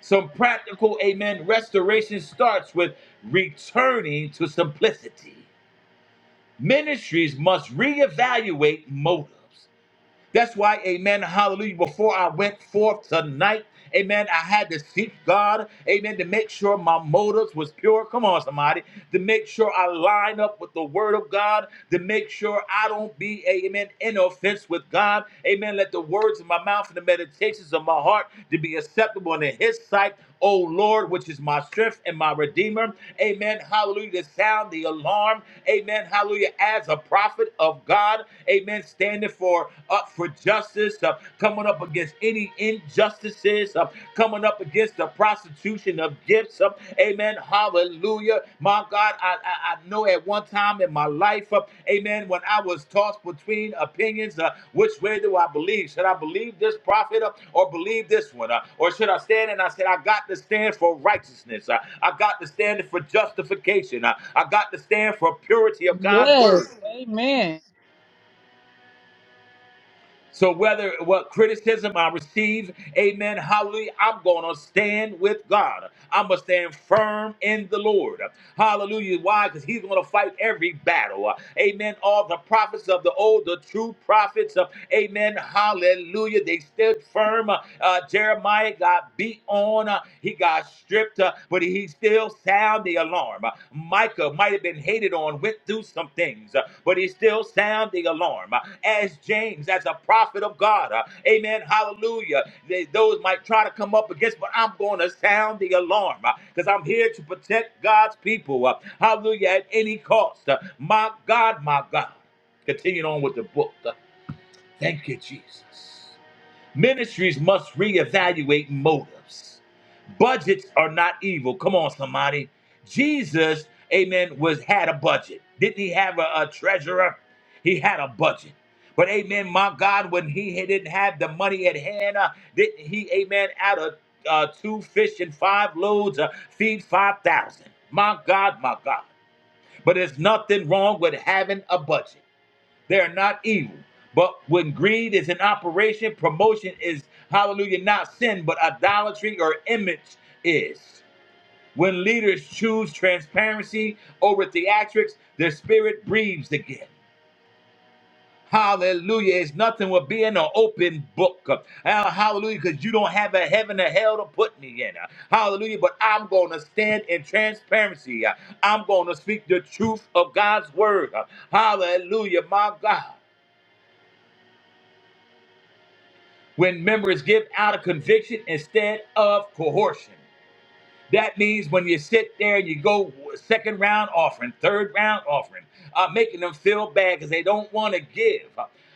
S2: Some practical, amen, restoration starts with returning to simplicity. Ministries must reevaluate motives. That's why, amen, hallelujah, before I went forth tonight, amen, I had to seek God, amen, to make sure my motives was pure. Come on, somebody. To make sure I line up with the word of God, to make sure I don't be, amen, in offense with God. Amen. Let the words of my mouth and the meditations of my heart to be acceptable in his sight. O Lord, which is my strength and my redeemer. Amen. Hallelujah. To sound the alarm. Amen. Hallelujah. As a prophet of God. Amen. Standing for up for justice. Uh, coming up against any injustices. Uh, coming up against the prostitution of gifts. Uh, amen. Hallelujah. My God, I, I, I know at one time in my life, uh, amen, when I was tossed between opinions, uh, which way do I believe? Should I believe this prophet uh, or believe this one? Uh, or should I stand? And I said, I got to stand for righteousness. Uh, I got to stand for justification. Uh, I got to stand for purity of God's word.
S4: Yes. Amen.
S2: So whether what criticism I receive, amen, hallelujah, I'm going to stand with God. I'm going to stand firm in the Lord. Hallelujah. Why? Because he's going to fight every battle. Amen. All the prophets of the old, the true prophets, uh, amen, hallelujah, they stood firm. Uh, Jeremiah got beat on. Uh, he got stripped but he still sound the alarm. Uh, Micah might have been hated on, went through some things, uh, but he still sound the alarm. Uh, As James, as a prophet of God, uh, amen, hallelujah. They, those might try to come up against, but I'm going to sound the alarm because I'm here to protect God's people, uh, hallelujah, at any cost. Uh, My God, my God. Continuing on with the book. Uh, Thank you, Jesus. Ministries must reevaluate motives. Budgets are not evil. Come on, somebody. Jesus, amen, was had a budget. Didn't he have a, a treasurer? He had a budget. But amen, my God, when he ha- didn't have the money at hand, uh, didn't he, amen, out of uh, two fish and five loaves, uh, feed 5,000? My God, my God. But there's nothing wrong with having a budget. They are not evil. But when greed is in operation, promotion is, hallelujah, not sin, but idolatry or image is. When leaders choose transparency over theatrics, their spirit breathes again. Hallelujah. It's nothing with being an open book. Uh, hallelujah. Because you don't have a heaven or hell to put me in. Uh, Hallelujah. But I'm going to stand in transparency. Uh, I'm going to speak the truth of God's word. Uh, Hallelujah. My God. when members give out of conviction instead of coercion. That means when you sit there and you go second round offering, third round offering, uh, making them feel bad because they don't want to give.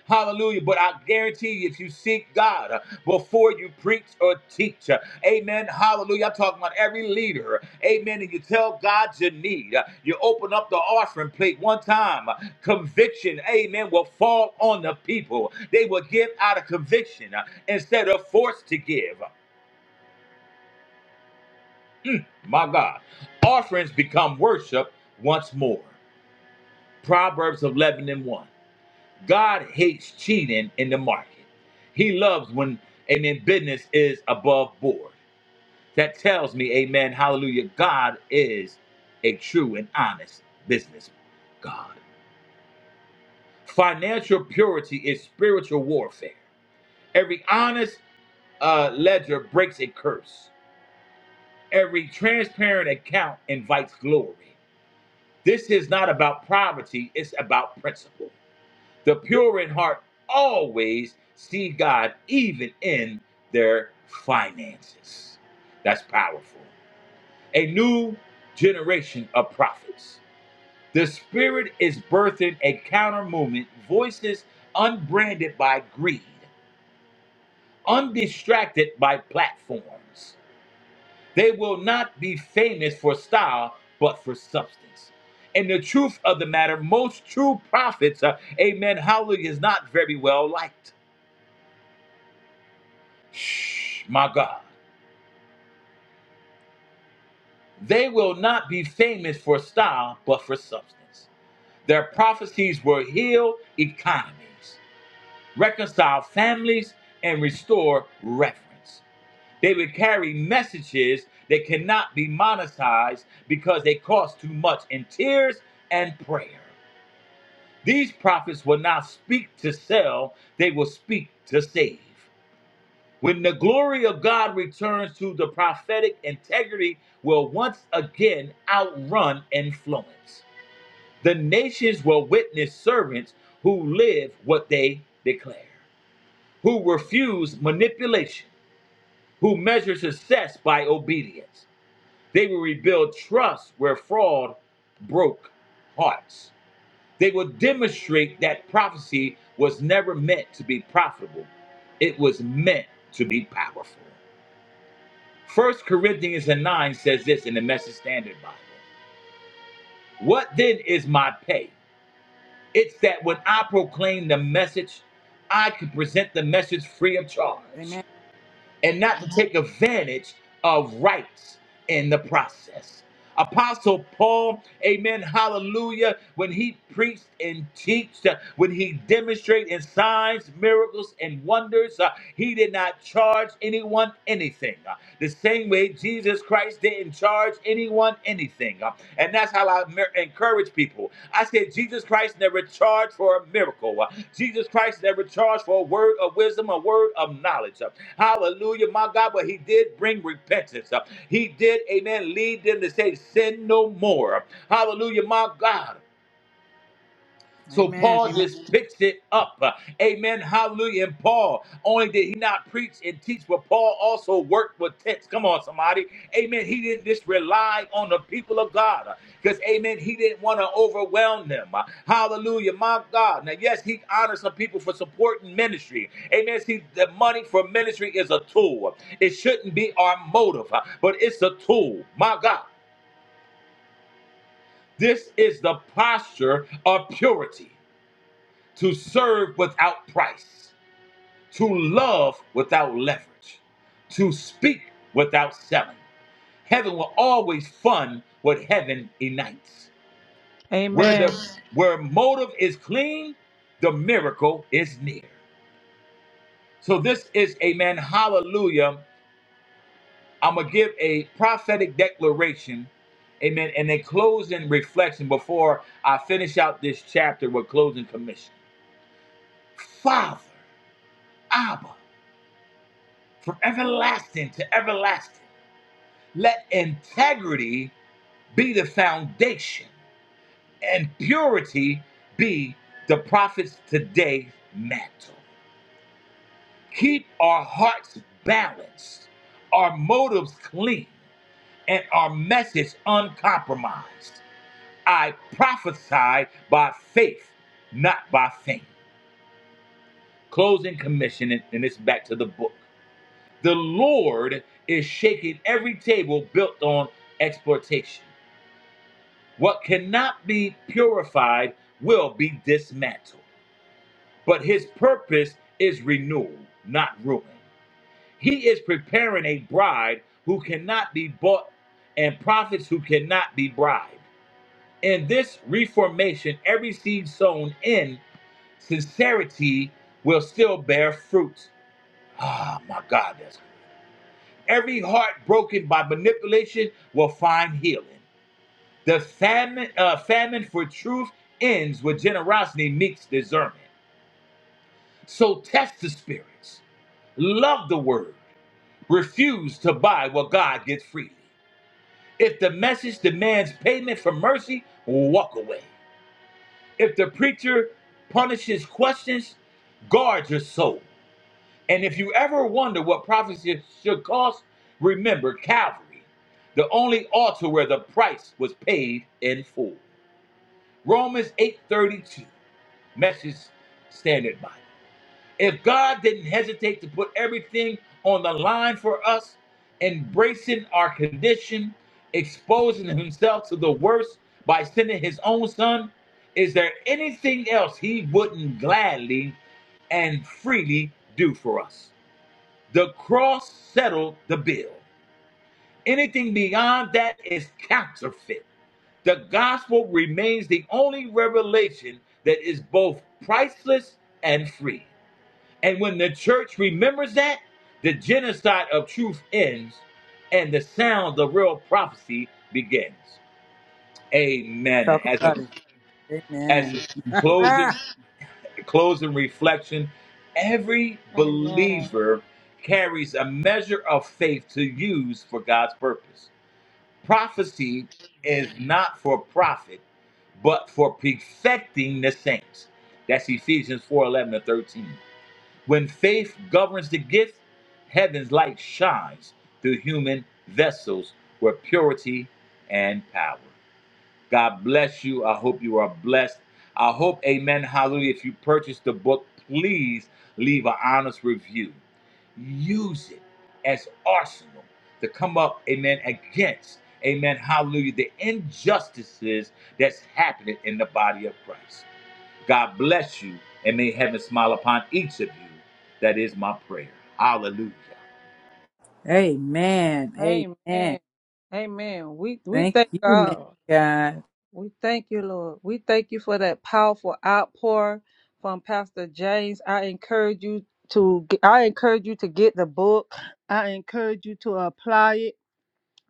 S2: Hallelujah. But I guarantee you, if you seek God uh, before you preach or teach, uh, amen. Hallelujah. I'm talking about every leader. Amen. And you tell God your need. uh, You open up the offering plate one time. uh, Conviction, amen, will fall on the people. They will give out of conviction uh, instead of force to give. My God. Offerings become worship once more. Proverbs 11 and 1. God hates cheating in the market. He loves when, amen, business is above board. That tells me, amen, hallelujah, God is a true and honest business God. Financial purity is spiritual warfare. Every honest uh, ledger breaks a curse. Every transparent account invites glory. This is not about poverty, it's about principle. The pure in heart always see God even in their finances. That's powerful. A new generation of prophets. The Spirit is birthing a counter movement, voices unbranded by greed, undistracted by platforms. They will not be famous for style, but for substance. And the truth of the matter, most true prophets, uh, amen, hallelujah, is not very well liked. Shh, my God. They will not be famous for style, but for substance. Their prophecies will heal economies, reconcile families, and restore reverence. They will carry messages that cannot be monetized because they cost too much in tears and prayer. These prophets will not speak to sell, they will speak to save. When the glory of God returns to the prophetic integrity will once again outrun influence. The nations will witness servants who live what they declare, who refuse manipulation, who measure success by obedience. They will rebuild trust where fraud broke hearts. They will demonstrate that prophecy was never meant to be profitable, it was meant to be powerful. First Corinthians and 9 says this in the Message Standard Bible What then is my pay? It's that when I proclaim the message, I can present the message free of charge.
S3: Amen.
S2: and not to take advantage of rights in the process. Apostle Paul, amen, hallelujah, when he preached and teached, uh, when he demonstrated in signs, miracles, and wonders, uh, he did not charge anyone anything. Uh, the same way Jesus Christ didn't charge charge anyone anything. Uh, And that's how I encourage people. I said, Jesus Christ never charged for a miracle. Uh, Jesus Christ never charged for a word of wisdom, a word of knowledge. Uh, Hallelujah, my God. But he did bring repentance. Uh, He did, amen, lead them to say, sin no more. Hallelujah, my God. So
S3: Amen.
S2: Paul
S3: Amen.
S2: just picked it up. Amen. Hallelujah. And Paul, only did he not preach and teach, but Paul also worked with tents. Come on, somebody. Amen. He didn't just rely on the people of God because, amen, he didn't want to overwhelm them. Hallelujah. My God. Now, yes, he honored some people for supporting ministry. Amen. See, the money for ministry is a tool. It shouldn't be our motive, but it's a tool. My God. This is the posture of purity to serve without price, to love without leverage, to speak without selling. Heaven will always fund what heaven ignites. Where the
S4: Amen.
S2: where motive is clean, the miracle is near. So this is amen. Hallelujah. I'm gonna give a prophetic declaration, amen, and a closing reflection before I finish out this chapter with closing commission. Father, Abba. from everlasting to everlasting. Let integrity be the foundation and purity be the prophet's today mantle. Keep our hearts balanced, our motives clean, and our message uncompromised. I prophesy by faith, not by faint. Closing commission, and and it's back to the book. The Lord is shaking every table built on exploitation. What cannot be purified will be dismantled, but his purpose is renewal, not ruin. He is preparing a bride who cannot be bought and prophets who cannot be bribed. In this reformation, every seed sown in sincerity will still bear fruit. Ah, my God, that's. Every heart broken by manipulation will find healing. The famine, uh, famine for truth ends where generosity meets discernment. So test the spirits. Love the word. Refuse to buy what God gets freely. If the message demands payment for mercy, walk away. If the preacher punishes questions, guard your soul. And if you ever wonder what prophecy should cost, remember Calvary, the only altar where the price was paid in full. Romans 8:32, Message Standard Bible. If God didn't hesitate to put everything on the line for us, embracing our condition, exposing himself to the worst by sending his own son, is there anything else he wouldn't gladly and freely do for us? The cross settled the bill. Anything beyond that is counterfeit. The gospel remains the only revelation that is both priceless and free. And when the church remembers that, the genocide of truth ends and the sound of real prophecy begins. Amen.
S3: Talk
S2: As a
S3: about it. Amen.
S2: as a closing
S3: Ah,
S2: closing reflection every
S4: Amen.
S2: believer carries a measure of faith to use for God's purpose. Prophecy is not for profit, but for perfecting the saints. That's Ephesians 4:11 to 13. When faith governs the gift, heaven's light shines through human vessels with purity and power. God bless you. I hope you are blessed. I hope, amen, hallelujah. If you purchase the book, please leave an honest review. Use it as arsenal to come up, amen, against, amen, hallelujah, the injustices that's happening in the body of Christ. God bless you, and may heaven smile upon each of you. That is my prayer. Hallelujah.
S3: amen. Amen.
S4: Amen. Amen. We we
S3: Thank
S4: thank
S3: you, man.
S4: God.
S3: God.
S4: We thank you, Lord. We thank you for that powerful outpour from Pastor James. I encourage you to I encourage you to get the book. I encourage you to apply it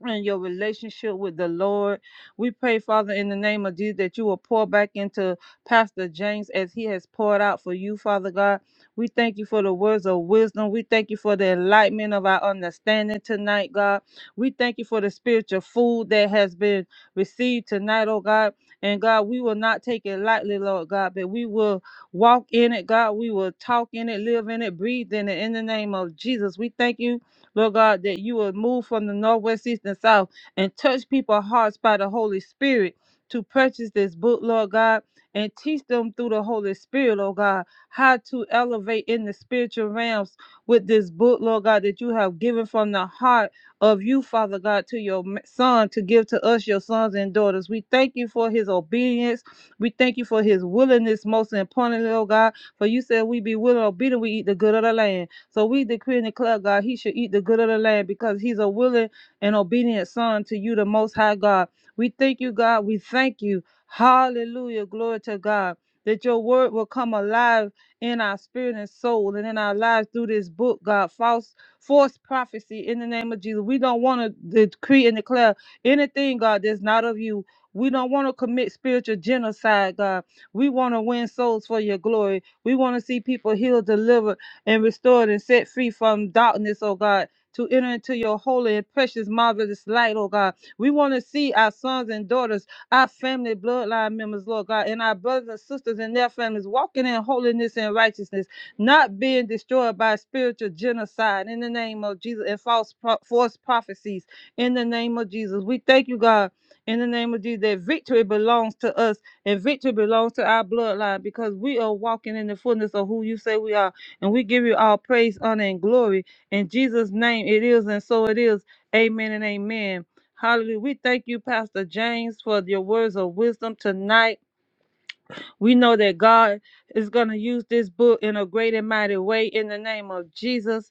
S4: and your relationship with the Lord. We pray, Father, in the name of Jesus, that you will pour back into Pastor James as he has poured out for you, Father God. We thank you for the words of wisdom. We thank you for the enlightenment of our understanding tonight, God. We thank you for the spiritual food that has been received tonight, oh God. And God, we will not take it lightly, Lord God, but we will walk in it, God. We will talk in it, live in it, breathe in it. In the name of Jesus, we thank you Lord God, that you will move from the northwest, east, and south and touch people's hearts by the Holy Spirit to purchase this book, Lord God, and teach them through the Holy Spirit, Lord God, how to elevate in the spiritual realms with this book, Lord God, that you have given from the heart of you, Father God, to your m- son to give to us, your sons and daughters. We thank you for his obedience. We thank you for his willingness, most importantly, Lord God, for you said we be willing and obedient, we eat the good of the land. So we decree and declare, God, he should eat the good of the land because he's a willing and obedient son to you, the Most High God. We thank you, God. We thank you. Hallelujah. Glory to God. That your word will come alive in our spirit and soul and in our lives through this book, God. False, false prophecy in the name of Jesus. We don't want to decree and declare anything, God, that's not of you. We don't want to commit spiritual genocide, God. We want to win souls for your glory. We want to see people healed, delivered, and restored and set free from darkness, oh God, to enter into your holy and precious, marvelous light, oh God. We want to see our sons and daughters, our family bloodline members, Lord God, and our brothers and sisters and their families walking in holiness and righteousness, not being destroyed by spiritual genocide in the name of Jesus and false, pro- false prophecies in the name of Jesus. We thank you, God, in the name of Jesus, that victory belongs to us and victory belongs to our bloodline because we are walking in the fullness of who you say we are. And we give you all praise, honor, and glory. In Jesus' name it is, and so it is. Amen and amen. Hallelujah. We thank you, Pastor James, for your words of wisdom tonight. We know that God is going to use this book in a great and mighty way in the name of Jesus.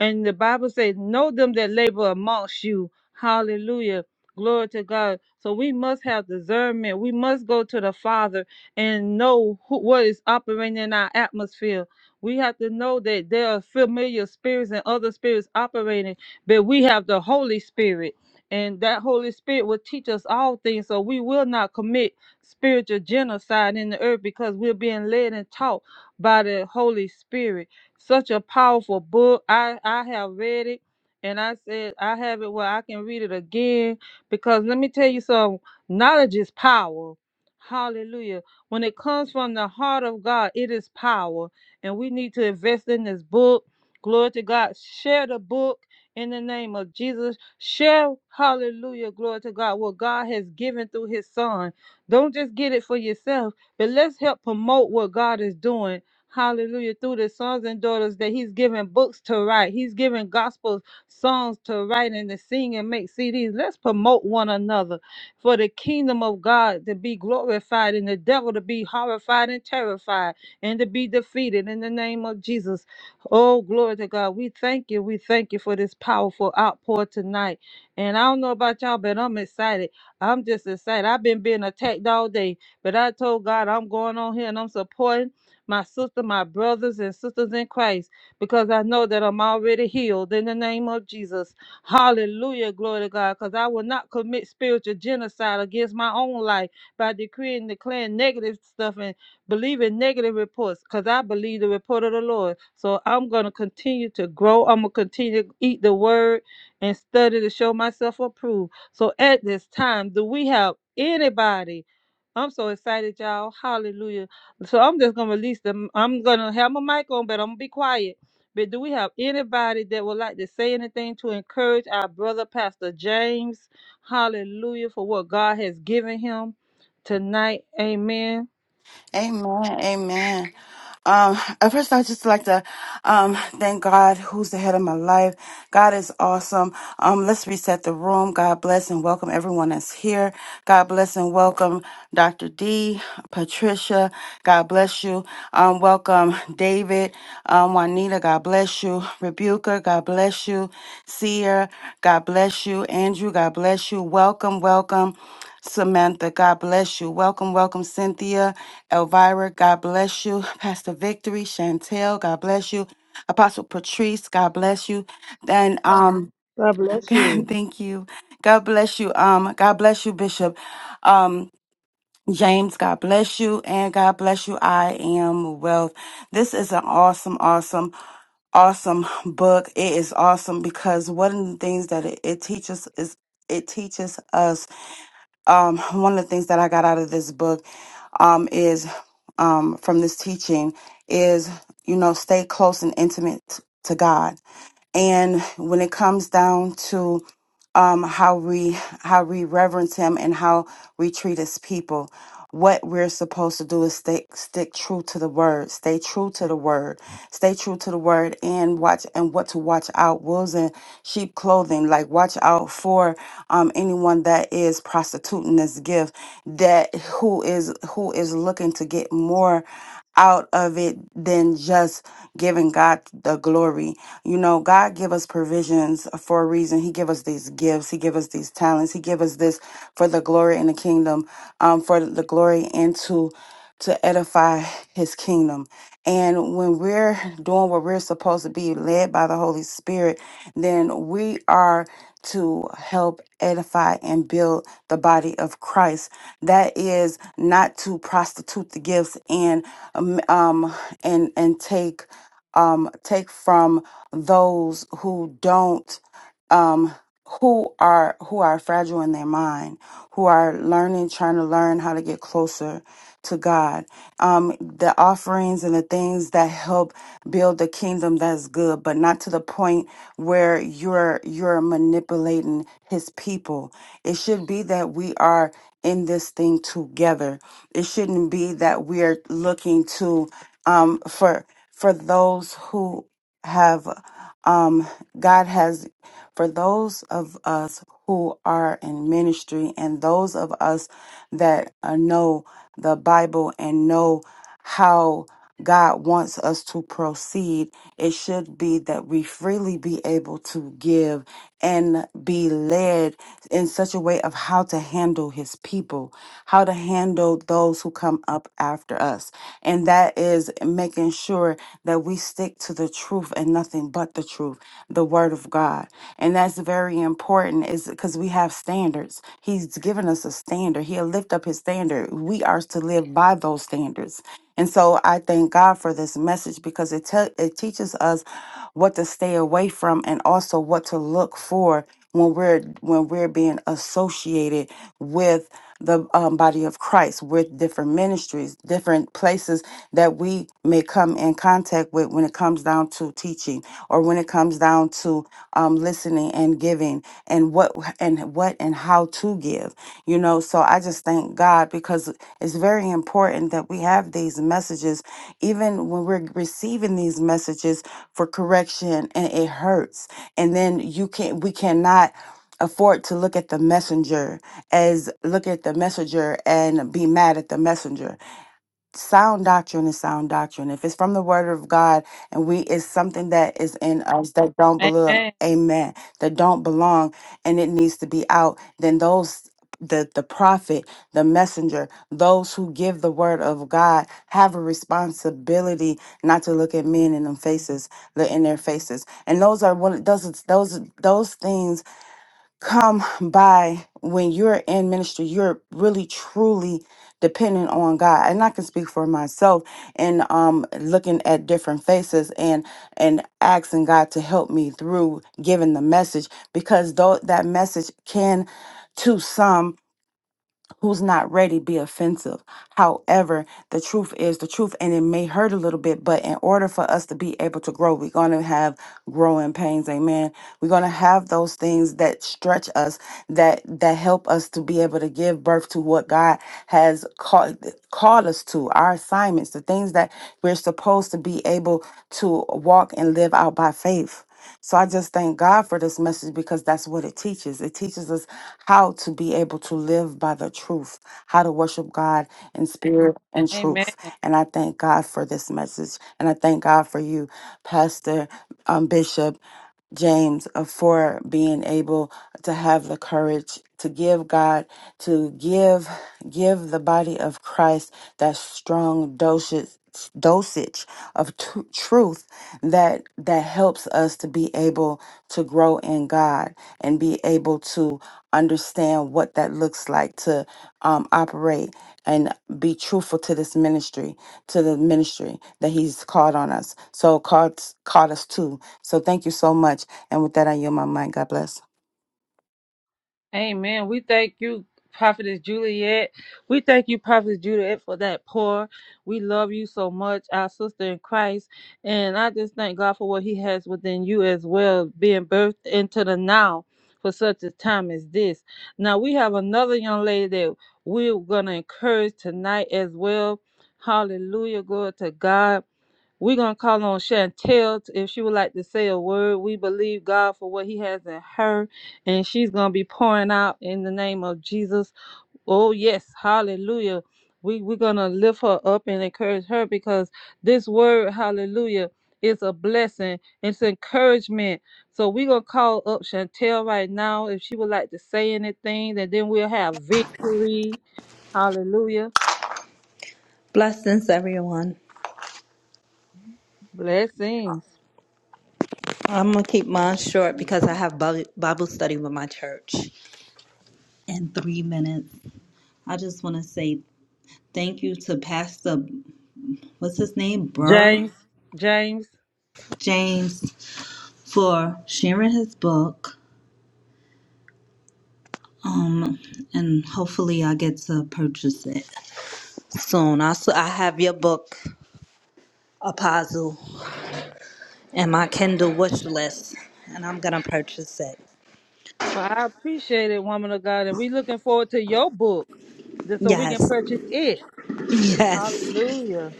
S4: And the Bible says, Know them that labor amongst you. Hallelujah. Glory to God. So we must have discernment. We must go to the Father and know who, what is operating in our atmosphere. We have to know that there are familiar spirits and other spirits operating, but we have the Holy Spirit. And that Holy Spirit will teach us all things. So we will not commit spiritual genocide in the earth because we're being led and taught by the Holy Spirit. Such a powerful book. I, I have read it and I said I have it where I can read it again because let me tell you something knowledge is power. Hallelujah. When it comes from the heart of God, it is power. And we need to invest in this book. Glory to God. Share the book in the name of Jesus. Share, hallelujah, glory to God, what God has given through his son. Don't just get it for yourself, but let's help promote what God is doing. Hallelujah. Through the sons and daughters that He's giving books to write, He's giving gospel songs to write and to sing and make CDs. Let's promote one another for the kingdom of God to be glorified and the devil to be horrified and terrified and to be defeated in the name of Jesus. Oh, glory to God. We thank you. We thank you for this powerful outpour tonight. And I don't know about y'all, but I'm excited. I'm just excited. I've been being attacked all day, but I told God I'm going on here and I'm supporting my sister, my brothers and sisters in Christ, because I know that I'm already healed in the name of Jesus. Hallelujah, glory to God, because I will not commit spiritual genocide against my own life by decreeing, and declaring negative stuff and believing negative reports, because I believe the report of the Lord. So I'm going to continue to grow. I'm going to continue to eat the word and study to show myself approved so at this time, do we have anybody? I'm so excited, y'all. Hallelujah. So I'm just gonna release them. I'm gonna have my mic on, but I'm gonna be quiet. But do we have anybody that would like to say anything to encourage our brother Pastor James? Hallelujah for what God has given him tonight. Amen.
S5: Amen. Amen. Um, at first, I just like to um, thank God, who's the head of my life. God is awesome. Um, let's reset the room. God bless and welcome everyone that's here. God bless and welcome Dr. D, Patricia. God bless you. Um, welcome David, um, Juanita. God bless you. Rebuker. God bless you. Seer. God bless you. Andrew. God bless you. Welcome. Welcome. Samantha, God bless you. Welcome, welcome, Cynthia, Elvira, God bless you. Pastor Victory, Chantel, God bless you. Apostle Patrice, God bless you. And um,
S4: God bless you.
S5: thank you. God bless you. Um, God bless you, Bishop. Um, James, God bless you, and God bless you. I am wealth. This is an awesome, awesome awesome book. It is awesome because one of the things that it, it teaches is it teaches us um, one of the things that I got out of this book um, is um, from this teaching is, you know, stay close and intimate t- to God and when it comes down to um, how we how we reverence Him and how we treat His people, what we're supposed to do is stay stick true to the Word, stay true to the Word, stay true to the Word, and watch and what to watch out wolves in sheep clothing. Like watch out for um, anyone that is prostituting this gift, that who is who is looking to get more out of it than just giving God the glory. You know, God give us provisions for a reason. He give us these gifts. He give us these talents. He give us this for the glory in the kingdom, um, for the glory and to to edify His kingdom. And when we're doing what we're supposed to be led by the Holy Spirit, then we are to help edify and build the body of Christ. That is not to prostitute the gifts and um, um, and and take um, take from those who don't um, who are who are fragile in their mind, who are learning, trying to learn how to get closer to God. Um, the offerings and the things that help build the kingdom that's good, but not to the point where you're you're manipulating His people. It should be that we are in this thing together it shouldn't be that we're looking to um, for for those who have um, God has for those of us who are in ministry and those of us that uh, know the Bible and know how. God wants us to proceed, it should be that we freely be able to give and be led in such a way of how to handle his people, how to handle those who come up after us. And that is making sure that we stick to the truth and nothing but the truth, the word of God. And that's very important is because we have standards. He's given us a standard. He'll lift up his standard. We are to live by those standards and so I thank God for this message because it te- it teaches us what to stay away from and also what to look for when we're when we're being associated with the um, body of Christ, with different ministries, different places that we may come in contact with when it comes down to teaching or when it comes down to um, listening and giving and what and what and how to give. You know, so I just thank God because it's very important that we have these messages, even when we're receiving these messages for correction and it hurts. And then you can we cannot afford to look at the messenger as look at the messenger and be mad at the messenger sound doctrine is sound doctrine. If it's from the word of God and we it's something that is in us that don't belong,
S4: Amen.
S5: amen, that don't belong and it needs to be out, then those the the prophet, the messenger, those who give the word of God have a responsibility not to look at men in them faces, the- in their faces. And those are one those those those things come by when you're in ministry you're really truly dependent on god and i can speak for myself and um looking at different faces and and asking god to help me through giving the message because though that message can to some who's not ready be offensive. However, the truth is the truth, and it may hurt a little bit, but in order for us to be able to grow, we're going to have growing pains. Amen. We're going to have those things that stretch us, that that help us to be able to give birth to what God has called called us to, our assignments, the things that we're supposed to be able to walk and live out by faith. So I just thank God for this message because that's what it teaches. It teaches us how to be able to live by the truth, how to worship God in spirit and
S4: Amen.
S5: truth. And I thank God for this message. And I thank God for you, Pastor um, Bishop. James uh, for being able to have the courage to give God to give give the body of Christ that strong dosage dosage of tru- truth that that helps us to be able to grow in God and be able to understand what that looks like to um, operate and be truthful to this ministry to the ministry that he's called on us so called called us to so thank you so much. And with that, I yield my mind. God bless.
S4: Amen. We thank you, Prophetess Juliet. We thank you, Prophetess Juliet, for that pour. We love you so much, our sister in Christ. And I just thank God for what He has within you as well, being birthed into the now for such a time as this. Now, we have another young lady that we're going to encourage tonight as well. Hallelujah. Glory to God. We're going to call on Chantel t- if she would like to say a word. We believe God for what He has in her, and she's going to be pouring out in the name of Jesus. Oh, yes. Hallelujah. We, we're going to lift her up and encourage her because this word, hallelujah, is a blessing. It's encouragement. So we're going to call up Chantel right now if she would like to say anything, and then we'll have victory. Hallelujah.
S6: Blessings, everyone.
S4: Blessings.
S6: I'm going to keep mine
S7: Yes, thank
S6: short
S7: you.
S6: because I
S7: Praise
S6: have Bi- Bible study with my church in three minutes. I just want to say thank you to Pastor, what's his name? Burr
S4: James, James.
S6: James for sharing his book. Um, and hopefully I get to purchase it soon. I, s- I have your book, Apostle, and my Kindle wish list, and I'm going to purchase it.
S4: Well, I appreciate it, woman of God, and we looking forward to your book, just so we can
S6: Yes,
S4: purchase it.
S6: yes.
S4: Hallelujah!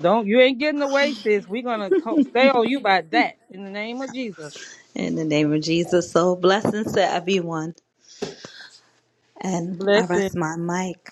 S4: Don't you ain't getting away, sis. We're gonna co- stay on you by that in the name of Jesus.
S6: In the name of Jesus. So blessings to everyone. And I
S4: Blessings.
S6: rest my mic.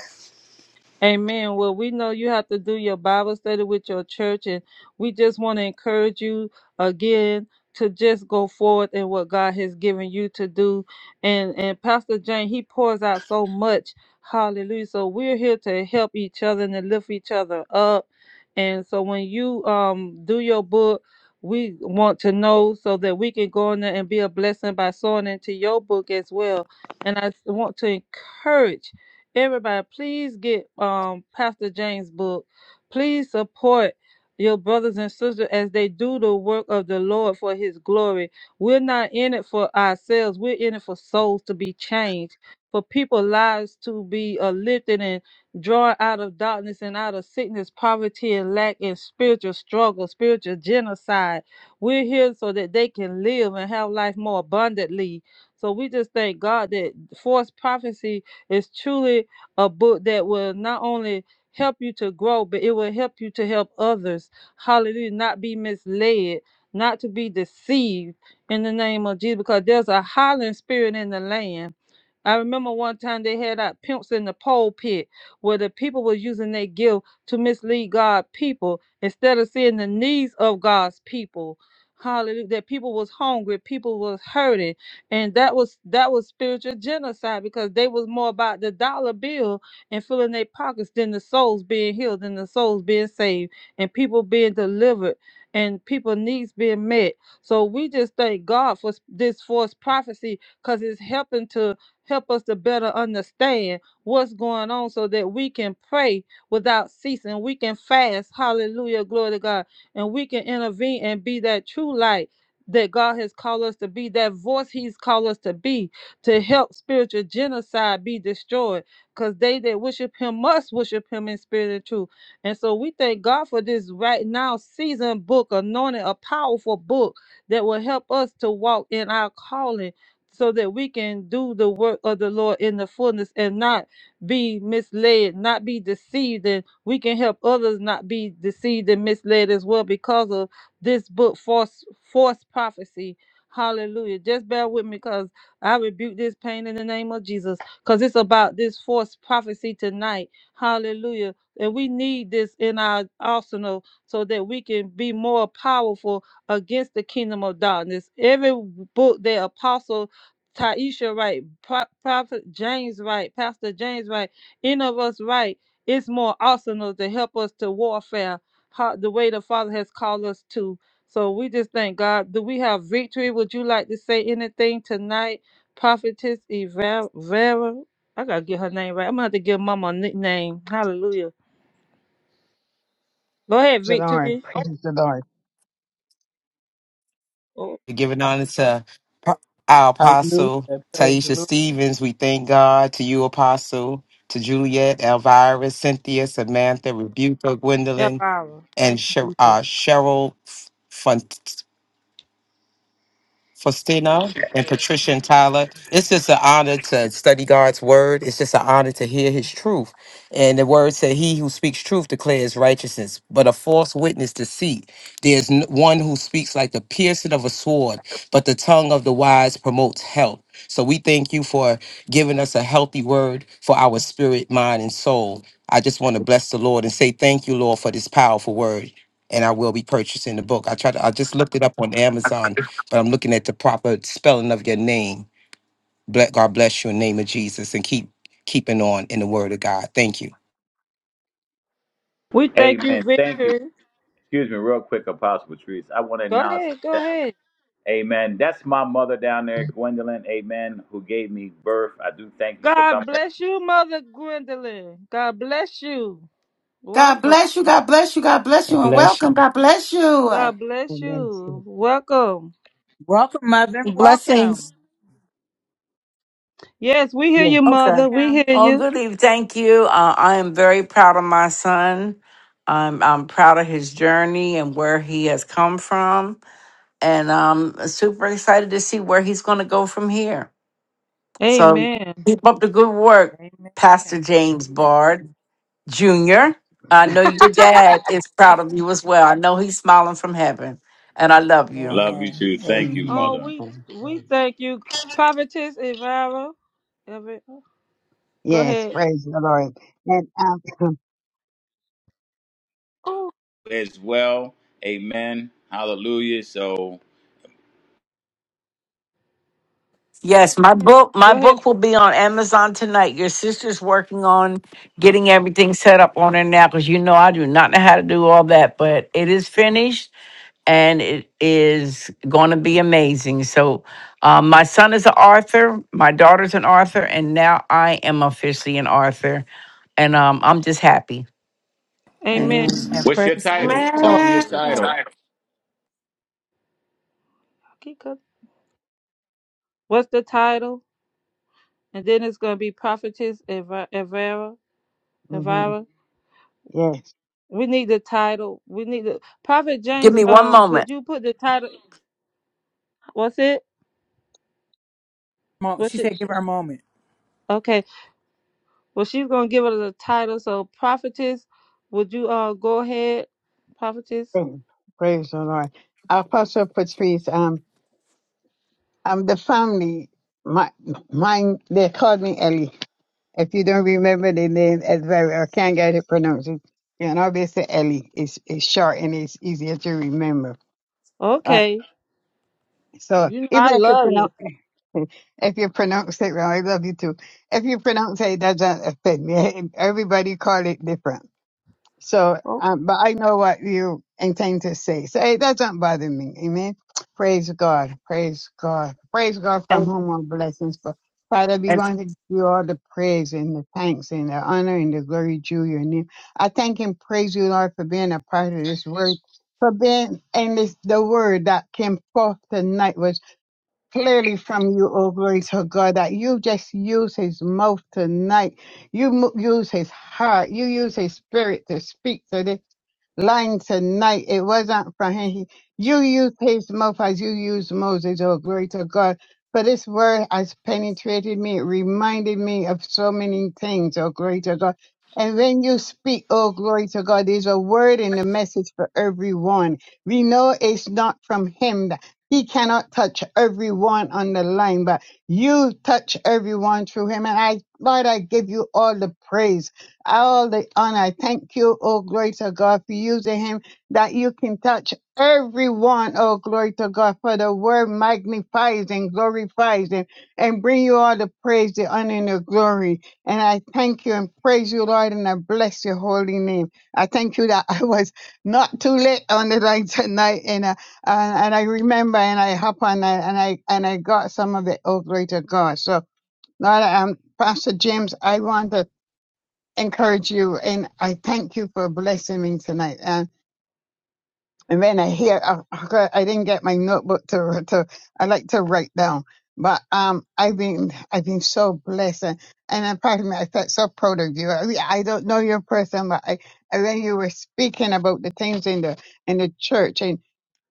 S4: Amen. Well, we know you have to do your Bible study with your church, and we just want to encourage you again to just go forward in what God has given you to do. And and Pastor Jane, he pours out so much. Hallelujah. So we're here to help each other and to lift each other up. And so when you um do your book, we want to know so that we can go in there and be a blessing by sowing into your book as well. And I want to encourage Everybody, please get um Pastor James' book. Please support your brothers and sisters as they do the work of the Lord for his glory. We're not in it for ourselves. We're in it for souls to be changed, for people's lives to be uh, lifted and drawn out of darkness and out of sickness, poverty, and lack, and spiritual struggle, spiritual genocide. We're here so that they can live and have life more abundantly. So we just thank God that forced prophecy is truly a book that will not only help you to grow, but it will help you to help others. Hallelujah. Not be misled, not to be deceived in the name of Jesus, because there's a howling spirit in the land. I remember one time they had out pimps in the pulpit where the people were using their gift to mislead God's people instead of seeing the needs of God's people. Hallelujah. That people was hungry, people was hurting and that was that was spiritual genocide because they was more about the dollar bill and filling their pockets than the souls being healed and the souls being saved and people being delivered and people needs being met so we just thank god for s- this forced prophecy because it's helping to help us to better understand what's going on so that we can pray without ceasing we can fast hallelujah glory to god and we can intervene and be that true light that God has called us to be, that voice He's called us to be, to help spiritual genocide be destroyed. Because they that worship Him must worship Him in spirit and truth. And so we thank God for this right now season book, anointed, a powerful book that will help us to walk in our calling so that we can do the work of the Lord in the fullness and not be misled, not be deceived. And we can help others not be deceived and misled as well because of this book false false prophecy hallelujah just bear with me because i rebuke this pain in the name of jesus because it's about this false prophecy tonight hallelujah and we need this in our arsenal so that we can be more powerful against the kingdom of darkness every book that apostle taisha write Pro- prophet james write pastor james write any of us write it's more arsenal to help us to warfare how the way the Father has called us to. So we just thank God. Do we have victory? Would you like to say anything tonight, Prophetess Eva- Vera? I gotta get her name right. I'm gonna have to give Mama a nickname. Hallelujah. Go ahead,
S7: the Lord.
S4: Victory.
S7: Praise the Lord.
S4: Oh,
S8: to giving honor to pro- our
S3: Hallelujah.
S8: apostle
S3: Praise the
S8: Taisha
S3: Lord.
S8: Stevens. We thank God to you, apostle, to Juliet, Elvira, Cynthia, Samantha, Rebuka, Gwendolyn,
S4: Elvira.
S8: and
S4: Thank
S8: Sher-
S4: you, Jesus.
S8: uh, Cheryl Faustina and Patricia and Tyler. It's just an honor to study God's word. It's just an honor to hear his truth. And the word said, He who speaks truth declares righteousness, but a false witness deceit. There's n- one who speaks like the piercing of a sword, but the tongue of the wise promotes health. So we thank you for giving us a healthy word for our spirit, mind, and soul. I just want to bless the Lord and say thank you, Lord, for this powerful word. And I will be purchasing the book. I tried to, I just looked it up on Amazon but I'm looking at the proper spelling of your name. Ble- God bless you in the name of Jesus and keep keeping on in the word of God. Thank you.
S4: We thank
S2: Amen.
S4: you,
S2: Thank you.
S4: Victory.
S2: Excuse me, real quick, Apostle Patrice. I want to
S4: Go
S2: announce
S4: ahead. Go
S2: that.
S4: ahead.
S2: Amen. That's my mother down there, Gwendolyn. Amen. Who gave me birth. I do thank you for
S4: God
S2: coming.
S4: bless you, Mother Gwendolyn. God bless you.
S5: God
S4: Welcome.
S5: bless you. God bless you. God bless you. And welcome. God bless you.
S4: God bless
S7: Amen.
S4: you. Welcome.
S3: Welcome, mother. Welcome.
S9: Blessings.
S4: Yes, we hear
S7: Yes.
S4: you,
S3: Yes,
S10: Okay.
S4: Mother. We
S3: ma'am.
S4: hear
S10: Oh,
S4: you.
S10: good eve. Thank you. Uh, I am very proud of my son. I'm, I'm proud of his journey and where he has come from. And I'm super excited to see where he's going to go from here. So
S4: Amen.
S10: keep up the good work, Pastor
S3: Amen.
S10: James Bard Jr. I know
S7: yes,
S10: your dad is proud of you as well. I know he's smiling from heaven. And I love you.
S2: Love you
S3: Amen.
S2: too. Thank
S7: Amen.
S3: Amen.
S2: you,
S4: Oh,
S2: mother.
S4: we
S7: Praise the
S4: we
S7: Lord.
S4: thank you, Prophetess Evara. Ever- Go
S7: Yes,
S4: ahead.
S7: praise the Lord. And outcome.
S4: Oh,
S2: As well. Amen. Hallelujah. So,
S10: Yes, my book my
S4: go ahead.
S10: book will be on Amazon tonight. Your sister's working on getting everything set up on her now cuz you know I do not know how to do all that, but it is finished and it is going to be amazing. So, um, my son is an author, my daughter's an author, and now I am officially an author, and um, I'm just happy.
S4: Amen.
S7: Amen.
S3: Amen.
S2: what's your
S3: Praise the
S2: title? Tell
S3: Lord.
S2: them your
S5: Amen.
S2: title.
S10: Sorry.
S4: Keep cooking. What's the title? And then it's gonna be Prophetess Eva- Evara.
S7: hmm
S4: Evara.
S7: Yes.
S4: We need the title. We need the Prophet
S10: Give
S4: James.
S10: me one
S4: Um, could
S10: moment.
S4: you put the title? What's it?
S3: Mo- She
S4: What's it?
S3: said, give her a moment.
S4: Okay. Well, she's gonna give us the title. So, Prophetess, would you uh go ahead, Prophetess?
S7: Praise praise the Lord. Apostle Patrice, um, um, the family, my, mine, they called me Ellie. If you don't remember the name as well, or can't get it pronounced, you know, they say Ellie. It's, it's short and it's easier to remember. Uh,
S4: Okay. Well,
S7: So
S4: You know
S7: even
S4: I
S7: if you
S4: love you.
S7: pronounce if you pronounce it wrong, I love you too. If you pronounce it, it doesn't offend me. Everybody call it different. So,
S4: Oh,
S7: um, but I know what you intend to say, so it doesn't bother me. Amen. Praise God. Praise God. Praise God from
S10: And,
S7: whom all blessings. But Father, we
S10: and
S7: want to give you all the praise and the thanks and the honor and the glory due your name. I thank and praise you, Lord, for being a part of this word for being and this the word that came forth tonight was clearly from you, O Greater God, that you just use his mouth tonight. You mo- use his heart. You use his spirit to speak to this line tonight. It wasn't from him. He- You used his mouth as you used Moses, O Greater God. For this word has penetrated me. It reminded me of so many things, O Greater God. And when you speak, O glory to God, there's a word in the message for everyone. We know it's not from him he cannot touch everyone on the line, but you touch everyone through him. And I, Lord, I give you all the praise, all the honor. I thank you, oh glory to God, for using him that you can touch everyone, oh glory to God, for the word magnifies and glorifies him and bring you all the praise, the honor, and the glory. And I thank you and praise you, Lord, and I bless your holy name. I thank you that I was not too late on the line tonight. and and, and I remember and I hop on that and I and I got some of it. Oh, glory to God! So, Lord, um, Pastor James, I want to encourage you and I thank you for blessing me tonight. And and when I hear, I, I didn't get my notebook to to I like to write down, but um, I've been I've been so blessed and and I'm me. I felt so proud of you. I, mean, I don't know your person, but I. and When you were speaking about the things in the in the church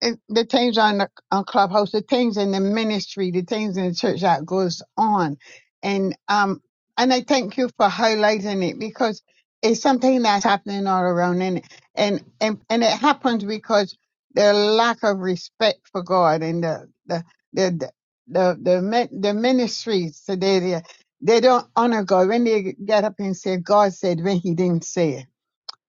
S7: it, the things on the on Clubhouse, the things in the ministry, the things in the church that goes on, and um, and I thank you for highlighting it because it's something that's happening all around, and and and, and it happens because the lack of respect for God and the the the the the, the, min- the ministries today they, they don't honor God when they get up and say God said when He didn't say it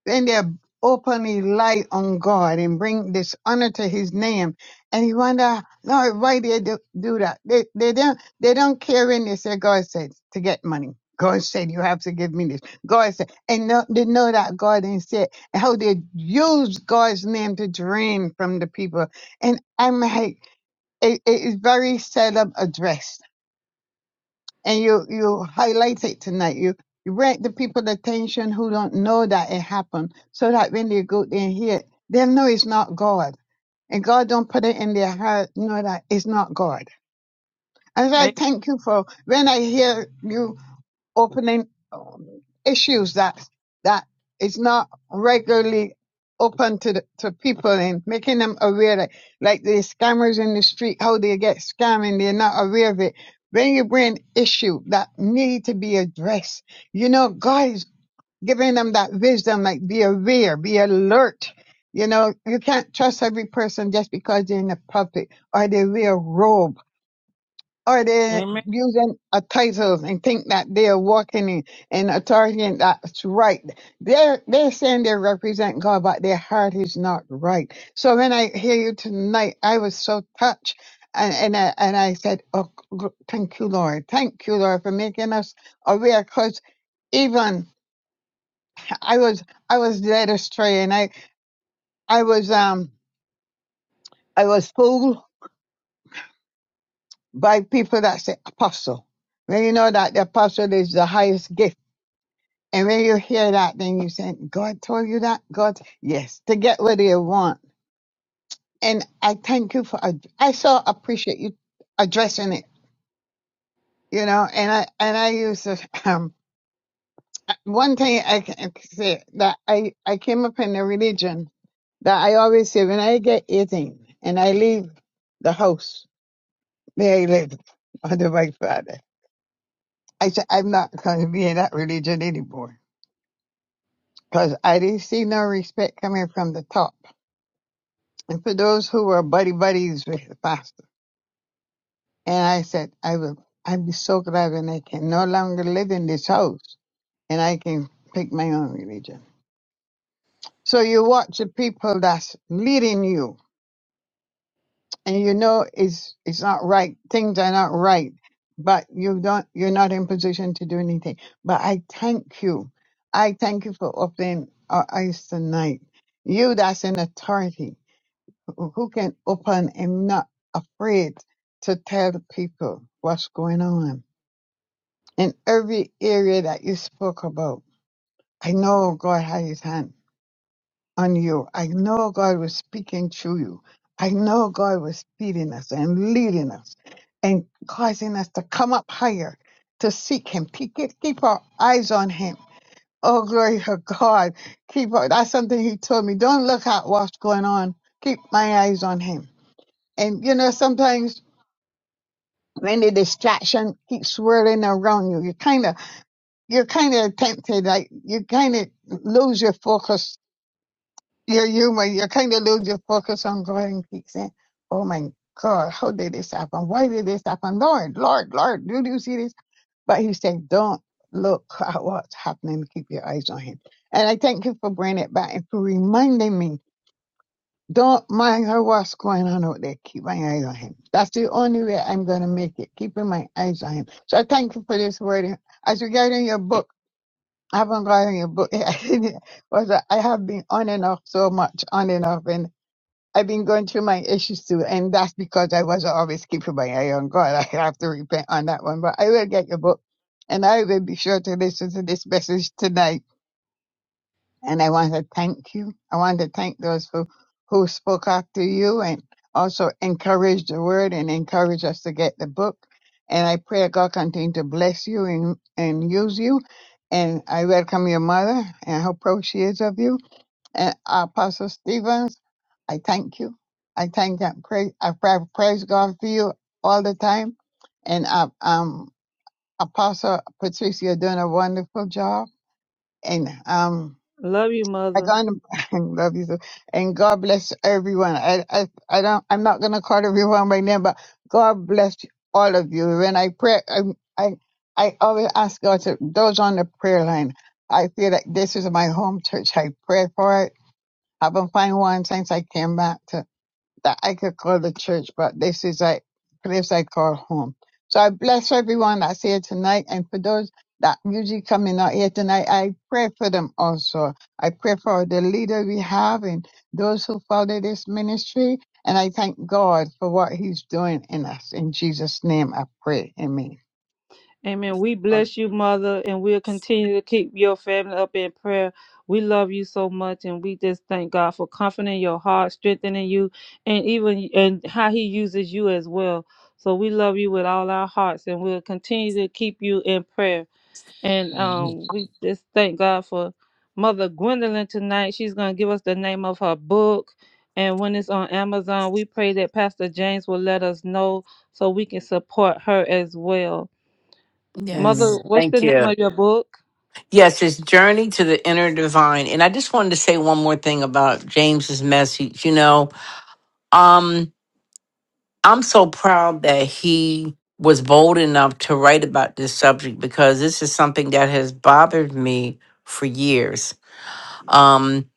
S7: then they openly lie on God and bring dishonor to his name. And you wonder, Lord, why they do, do that? They, they don't they don't care when they say God said to get money. God said you have to give me this. God said, and no, they know that God didn't say it. And how they use God's name to drain from the people. And I'm like, it, it is very seldom addressed and you you highlight it tonight. You you bring the people attention who don't know that it happened, so that when they go there and hear it, they'll know it's not God, and God don't put it in their heart know that it's not God. And so I
S4: a-
S7: thank you for when I hear you opening um, issues that that is not regularly open to the, to people and making them aware that like the scammers in the street how they get scammed and they're not aware of it when you bring issue that need to be addressed you know god is giving them that wisdom like be aware be alert you know you can't trust every person just because they're in the public or they wear a robe or they're
S4: amen.
S7: using a title and think that they're walking in, in authority and that's right. They're they're saying they represent God, but their heart is not right. So when I hear you tonight, I was so touched. And, and I and I said, oh, g- thank you, Lord, thank you, Lord, for making us aware. Because even I was I was led astray, and I I was um I was fooled by people that say apostle. When you know that the apostle is the highest gift And when you hear that, then you say, God told you that? God, yes, to get what you want. And I thank you for, ad- I so appreciate you addressing it, you know, and I, and I use this, um, one thing I can say that I, I came up in a religion that I always say when I get 18 and I leave the house where I live under my father, I said, I'm not going to be in that religion anymore because I didn't see no respect coming from the top. and for those who were buddy buddies with the pastor. And I said, I will, I'd be so glad when I can no longer live in this house and I can pick my own religion. So you watch the people that's leading you and you know it's, it's not right. Things are not right, but you don't, you're not in position to do anything. But I thank you. I thank you for opening our eyes tonight. You that's in authority. who can open and not afraid to tell the people what's going on. In every area that you spoke about, I know God had his hand on you. I know God was speaking through you. I know God was feeding us and leading us and causing us to come up higher to seek him, to keep keep our eyes on him. Oh, glory to God. Keep our, that's something he told me. Don't look at what's going on. Keep my eyes on him. And you know, sometimes when the distraction keeps swirling around you, you kind of, you're kind of tempted, like you kind of lose your focus, your humor, you kind of lose your focus on God and keep saying, oh my God, how did this happen? Why did this happen? Lord, Lord, Lord, do you see this? But he said, don't look at what's happening. Keep your eyes on him. And I thank you for bringing it back and for reminding me don't mind her what's going on out there. Keep my eyes on him. That's the only way I'm going to make it. Keeping my eyes on him. So I thank you for this word. As regarding your book, I haven't gotten your book yet. Was that I have been on and off so much, on and off, and I've been going through my issues too. And that's because I wasn't always keeping my eye on God. I have to repent on that one. But I will get your book, and I will be sure to listen to this message tonight and I want to thank you. I want to thank those who, who spoke after you and also encouraged the word and encouraged us to get the book. And I pray God continue to bless you and, and use you. And I welcome your mother and how proud she is of you. And Apostle Stevens, I thank you. I thank and praise, I pra- praise God for you all the time. And uh, um, Apostle Patricia, you're doing a wonderful job. And um.
S4: Love you,
S7: I
S4: Mother.
S7: kind of I love you, so- and God bless everyone. I, I, I don't, I'm not gonna call everyone right now, but God bless all of you. When I pray, I, I, I always ask God to those on the prayer line. I feel like this is my home church. I pray for it. I haven't found one since I came back that I could call the church, but this is a place I call home. So I bless everyone that's here tonight. And for those that usually coming out here tonight, I pray for them also. I pray for the leader we have and those who follow this ministry. And I thank God for what he's doing in us. In Jesus' name, I pray. Amen.
S4: Amen. We bless you, Mother, and we'll continue to keep your family up in prayer. We love you so much, and we just thank God for comforting your heart, strengthening you, and even and how He uses you as well. So we love you with all our hearts, and we'll continue to keep you in prayer. And
S7: Mhm.
S4: um, we just thank God for Mother Gwendolyn tonight. She's gonna give us the name of her book, and when it's on Amazon, we pray that Pastor James will let us know so we can support her as well.
S10: Yes.
S4: Mother,
S7: Amen.
S4: what's the
S10: thank
S4: name
S10: you.
S4: of your book?
S10: Yes, it's Journey to the Inner Divine. And I just wanted to say one more thing about James's message. You know, um, I'm so proud that he was bold enough to write about this subject because this is something that has bothered me for years. Um,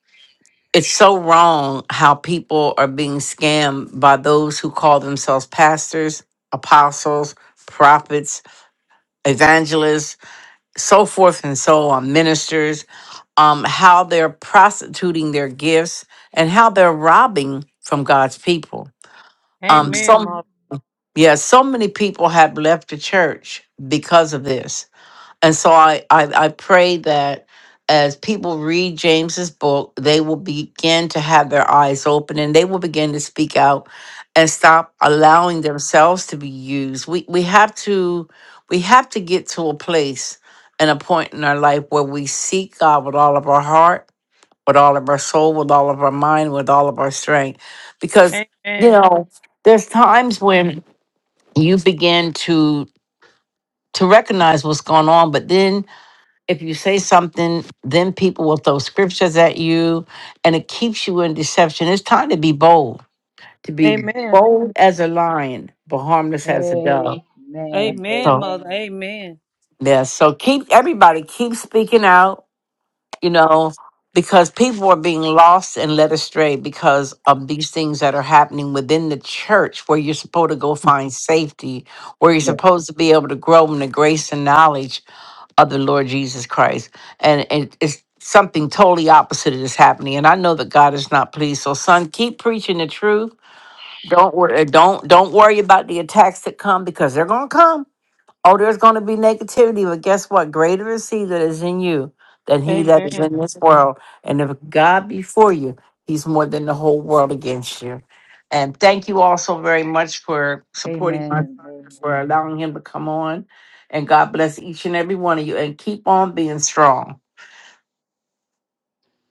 S10: it's so wrong how people are being scammed by those who call themselves pastors, apostles, prophets, evangelists, so forth and so on, ministers um, how they're prostituting their gifts and how they're robbing from God's people. Um,
S7: Mhm.
S4: Amen,
S10: some
S4: Mother.
S10: yeah, so many people have left the church because of this, and so I I, I pray that as people read James's book, they will begin to have their eyes open and they will begin to speak out and stop allowing themselves to be used. We we have to we have to get to a place and a point in our life where we seek God with all of our heart with all of our soul, with all of our mind, with all of our strength. Because, you
S4: Amen.
S10: know, there's times when you begin to to recognize what's going on, but then if you say something, then people will throw scriptures at you and it keeps you in deception. It's time to be bold, to be
S4: Amen.
S10: bold as a lion, but harmless as a
S3: Amen.
S10: dove.
S4: Amen,
S10: So
S4: Mother.
S3: Amen.
S4: Amen.
S10: yeah, so keep everybody keep speaking out you know, because people are being lost and led astray because of these things that are happening within the church where you're supposed to go find safety, where you're
S7: Yeah.
S10: supposed to be able to grow in the grace and knowledge of the Lord Jesus Christ. And it, it's something totally opposite of this happening. And I know that God is not pleased. So son, keep preaching the truth. Don't worry don't don't worry about the attacks that come because they're gonna come Oh, there's going to be negativity, but guess what? Greater is He that is in you than He that is
S4: Amen.
S10: in this world. And if God be for you, He's more than the whole world against you. And thank you all so very much for supporting my
S3: Amen.
S10: son,
S3: Amen.
S10: for allowing him to come on. And God bless each and every one of you. And keep on being strong.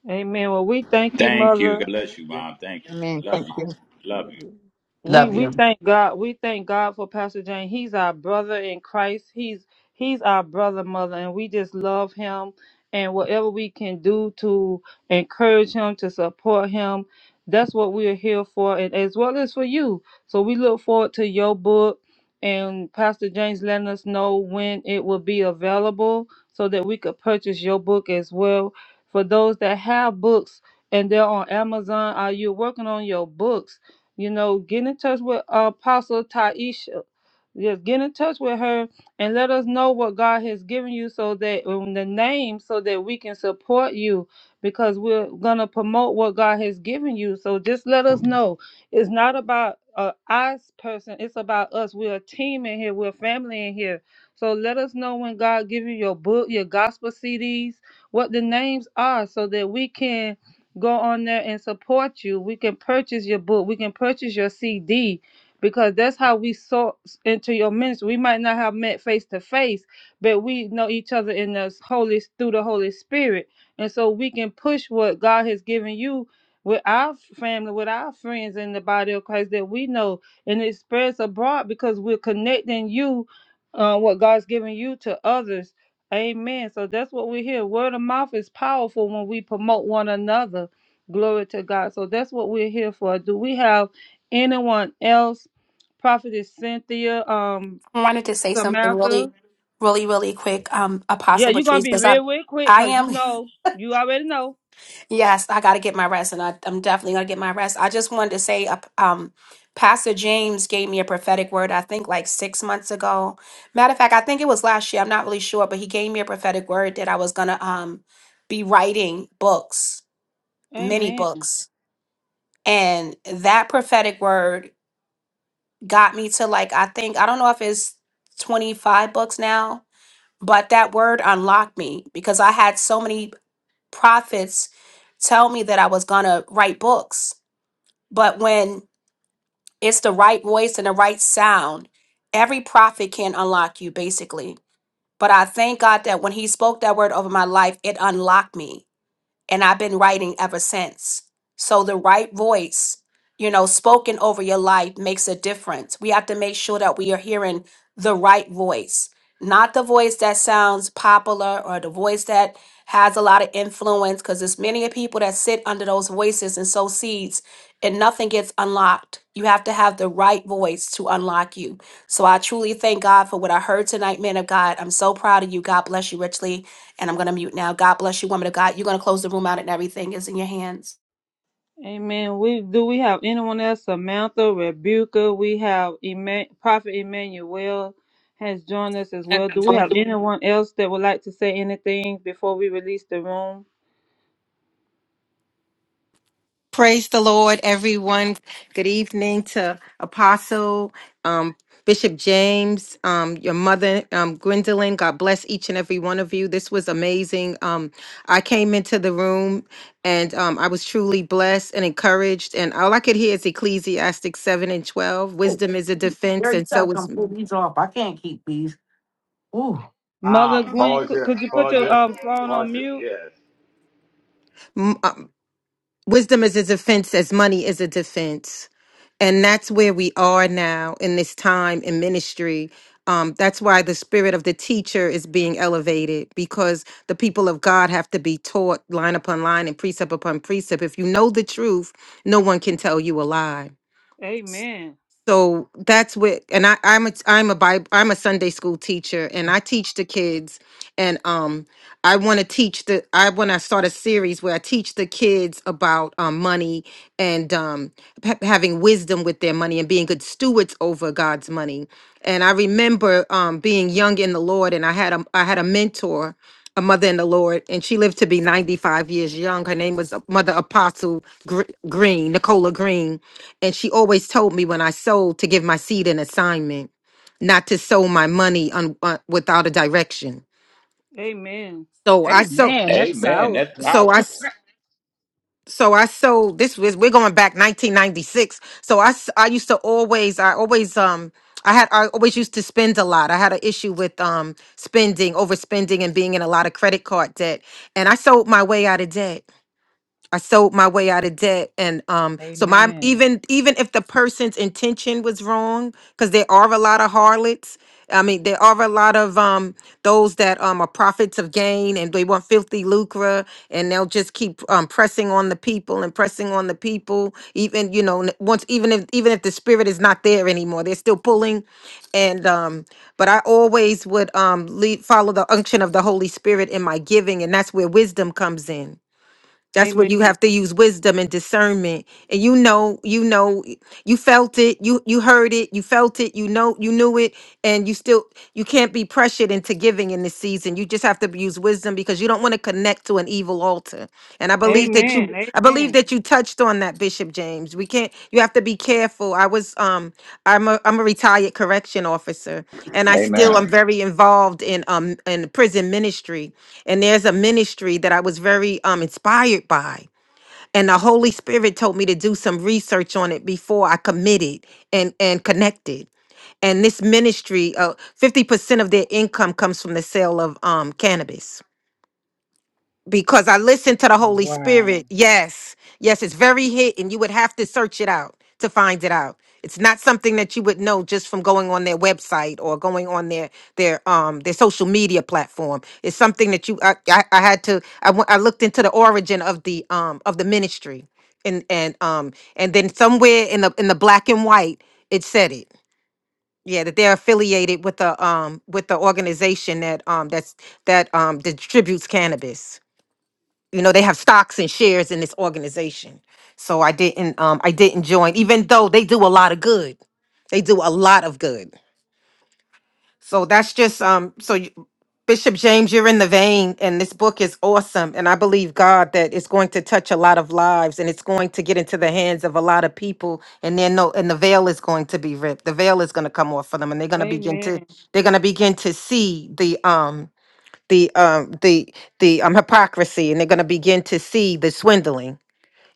S4: Amen. Well, we thank you,
S2: Thank you.
S4: Mother.
S2: God bless you, mom. Thank you.
S7: Amen.
S2: Love
S7: Thank
S2: you.
S7: you.
S2: Love you.
S4: we
S10: Love
S4: we
S10: you.
S4: thank God. We thank God for Pastor Jane. He's our brother in Christ. He's he's our brother, mother, and we just love him. And whatever we can do to encourage him, to support him, that's what we are here for, and as well as for you. So we look forward to your book and Pastor James letting us know when it will be available so that we could purchase your book as well. For those that have books and they're on Amazon, are you working on your books? You know, get in touch with uh, Apostle Taisha. Just get in touch with her and let us know what God has given you so that in the name so that we can support you because we're gonna promote what God has given you. So just let us know. It's not about a us person, it's about us. We're a team in here, we're family in here. So let us know when God give you your book, your gospel CDs, what the names are so that we can go on there and support you. We can purchase your book. We can purchase your CD because that's how we source into your ministry. We might not have met face to face, but we know each other in the Holy through the Holy Spirit, and so we can push what God has given you with our family, with our friends in the body of Christ that we know, and it spreads abroad because we're connecting you, uh, what God's given you to others. Amen. So that's what we hear. Word of mouth is powerful when we promote one another Glory to God. So that's what we're here for. Do we have anyone else? Prophetess Cynthia, um,
S1: I wanted to say something really,
S4: Samantha.
S1: really, really quick, um,
S4: Yeah,
S1: Apostle
S4: you're gonna
S1: Patrice,
S4: be
S1: because I'm,
S4: real, real quick,
S1: I
S4: cause you
S1: am,
S4: know, you already know.
S1: yes, I got to get my rest, and I, I'm definitely going to get my rest. I just wanted to say, uh, um, Pastor James gave me a prophetic word, I think like six months ago. Matter of fact, I think it was last year. I'm not really sure, but he gave me a prophetic word that I was going to um, be writing books, many
S4: Amen.
S1: books and that prophetic word got me to like i think i don't know if it's 25 books now but that word unlocked me because i had so many prophets tell me that i was gonna write books but when it's the right voice and the right sound every prophet can unlock you basically but i thank god that when he spoke that word over my life it unlocked me and I've been writing ever since. So the right voice, you know, spoken over your life makes a difference. We have to make sure that we are hearing the right voice, not the voice that sounds popular or the voice that has a lot of influence, because there's many people that sit under those voices and sow seeds and nothing gets unlocked. You have to have the right voice to unlock you. So I truly thank God for what I heard tonight, man of God. I'm so proud of you. God bless you richly and I'm going to mute now. God bless you, woman of God. You're going to close the room out and everything is in your hands.
S4: Amen. We do we have anyone else? Samantha, Rebuka. We have Eman- Prophet Emmanuel has joined us as
S10: Eric,
S4: well. Do we have
S10: you
S4: anyone else that would like to say anything before we release the room?
S9: Praise the Lord, everyone. Good evening to Apostle, um, Bishop James, um, your mother, um, Gwendolyn. God bless each and every one of you. This was amazing. Um, I came into the room and um, I was truly blessed and encouraged. And all I could hear is Ecclesiastic 7 and 12. Wisdom is a defense, and
S10: gotta
S9: so is
S10: come pull these off. I can't keep these. Ooh.
S4: Mother
S2: Mom,
S4: Gwen,
S2: pause
S4: could,
S2: it.
S4: could you put
S2: Pause
S4: your
S2: it.
S4: um, phone
S2: Pause
S4: on
S2: it.
S4: mute?
S2: Yes.
S9: Wisdom is a defense as money is a defense. And that's where we are now in this time in ministry. Um, that's why the spirit of the teacher is being elevated because the people of God have to be taught line upon line and precept upon precept. If you know the truth, no one can tell you a lie
S4: Amen.
S9: so that's what and I, I'm a I'm a Bible I'm a Sunday school teacher and I teach the kids and um I want to teach the I want to start a series where I teach the kids about um, money and um ha- having wisdom with their money and being good stewards over God's money and I remember um being young in the Lord and I had a I had a mentor a mother in the Lord, and she lived to be 95 years young. Her name was uh, Mother Apostle Gr- Green, Nicola Green and she always told me when I sold to give my seed an assignment, not to sow my money un, uh, without a direction.
S4: Amen.
S9: So I sold.
S3: Amen. That's
S9: So,
S2: Amen. That's
S3: powerful.
S9: so I.
S2: powerful.
S9: s- So I sold. This was we're going back 1996. So I s- I used to always I always um I had I always used to spend a lot. I had an issue with um spending, overspending, and being in a lot of credit card debt. And I sold my way out of debt. I sold my way out of debt, and um, so my
S3: Amen.
S9: even even if the person's intention was wrong, because there are a lot of harlots. I mean, there are a lot of um those that um are prophets of gain, and they want filthy lucre, and they'll just keep um pressing on the people and pressing on the people. Even you know, n- once even if even if the spirit is not there anymore, they're still pulling, and um. But I always would um lead follow the unction of the Holy Spirit in my giving, and that's where wisdom comes in that's where
S4: Amen.
S9: you have to use wisdom and discernment. And you know, you know, you felt it, you you heard it, you felt it, you know, you knew it, and you still you can't be pressured into giving in this season. You just have to use wisdom because you don't want to connect to an evil altar. And I believe that you
S4: Amen.
S9: I believe
S4: Amen.
S9: that you touched on that Bishop James. We can't you have to be careful. I was um I'm a I'm a retired correction officer and I still am
S2: Amen.
S9: very involved in um in prison ministry. And there's a ministry that I was very um inspired by. And the Holy Spirit told me to do some research on it before I committed and and connected and this ministry uh, 50% of their income comes from the sale of um, cannabis because I listen to the Holy
S3: Wow.
S9: Spirit. Yes, yes, it's very hidden. You would have to search it out to find it out. It's not something that you would know just from going on their website or going on their their um their social media platform. It's something that you I, I, I had to I went- I looked into the origin of the um of the ministry and and um and then somewhere in the in the black and white it said it yeah that they're affiliated with the um with the organization that um that's that um distributes cannabis you know they have stocks and shares in this organization so i didn't um i didn't join even though they do a lot of good they do a lot of good so that's just um so you, bishop james you're in the vein and this book is awesome and i believe god that it's going to touch a lot of lives and it's going to get into the hands of a lot of people and then no and the veil is going to be ripped the veil is going to come off for them and they're going to begin to
S4: Amen.
S9: they're going to begin to see the um the um the the um hypocrisy and they're going to begin to see the swindling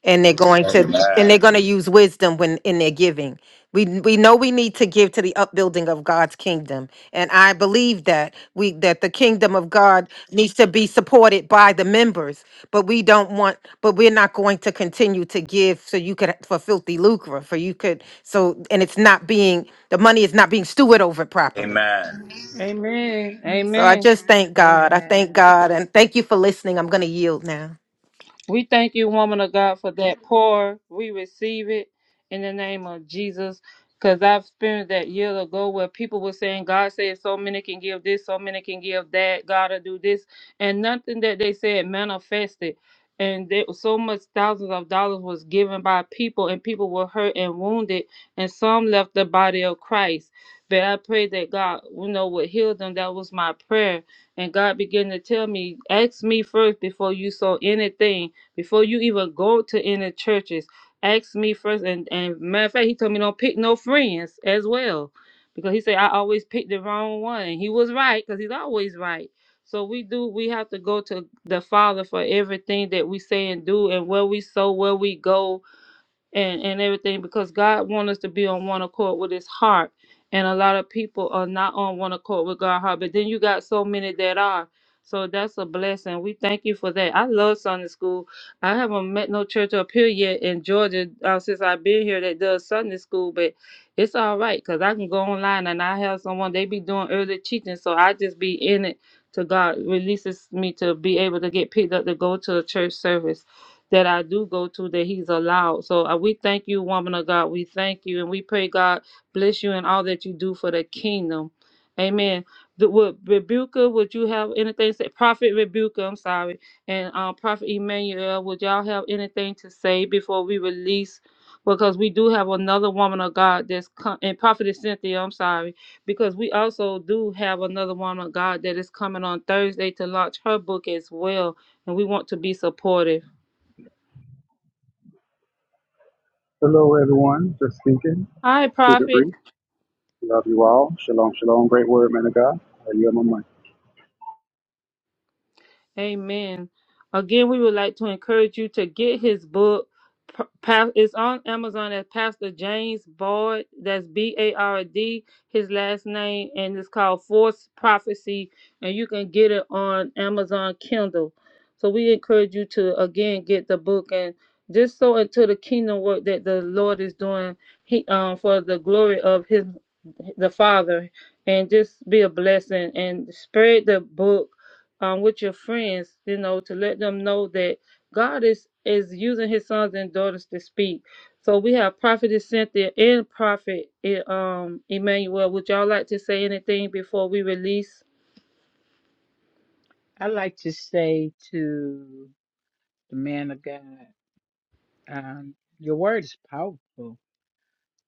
S9: and they're going to and they're going to
S2: Amen.
S9: use wisdom when in their giving we we know we need to give to the upbuilding of God's kingdom and I believe that we that the kingdom of God needs to be supported by the members but we don't want but we're not going to continue to give so you could for filthy lucre for you could so and it's not being the money is not being steward over properly
S2: Amen.
S4: Amen.
S9: so I
S4: Amen.
S9: just thank God. I thank
S3: Amen.
S9: God and thank you for listening. I'm going to yield now.
S4: We thank you, woman of God, for that pour. We receive it in the name of Jesus. Because I've experienced that year ago where people were saying, God said so many can give this, so many can give that, God will do this. And nothing that they said manifested. And there was so much thousands of dollars was given by people, and people were hurt and wounded, and some left the body of Christ. But I prayed that God, you know, would heal them. That was my prayer. And God began to tell me, ask me first before you saw anything before you even go to any churches, ask me first. And, and matter of fact, he told me don't pick no friends as well. Because he said I always picked the wrong one. He was right, because he's always right. So we do we have to go to the Father for everything that we say and do and where we sow, where we go, and and everything because God wants us to be on one accord with His heart, and a lot of people are not on one accord with God's heart. But then you got so many that are. So that's a blessing. We thank you for that. I love Sunday school. I haven't met no church up here yet in Georgia uh, since I've been here that does Sunday school, but it's all right because I can go online and I have someone, they be doing early teaching. So I just be in it till God releases me to be able to get picked up to go to a church service that I do go to that he's allowed. So uh, we thank you, woman of God. We thank you and we pray God bless you in all that you do for the kingdom. Amen. The, would Rebuka, would you have anything to say? Prophet Rebuka, I'm sorry. And um, Prophet Emmanuel, would y'all have anything to say before we release? Because we do have another woman of God that's com- and Prophet Cynthia, I'm sorry. Because we also do have another woman of God that is coming on Thursday to launch her book as well. And we want to be supportive.
S11: Hello, everyone. Just speaking.
S4: Hi,
S11: Keep it
S4: Prophet.
S11: brief. Love you all. Shalom, shalom. Great word, man of God. I You my mic.
S4: Amen. Again, we would like to encourage you to get his book. P- Pa- It's on Amazon at Pastor James Bard. That's B A R D, his last name, and it's called Force Prophecy. And you can get it on Amazon Kindle. So we encourage you to again get the book and just so into the kingdom work that the Lord is doing he, um, for the glory of his the Father, and just be a blessing and spread the book um, with your friends, you know, to let them know that God is is using His sons and daughters to speak. So we have Prophetess Cynthia and Prophet eh, um, Emmanuel. Would y'all like to say anything before we release?
S3: I like to say to the man of God, um, your word is powerful.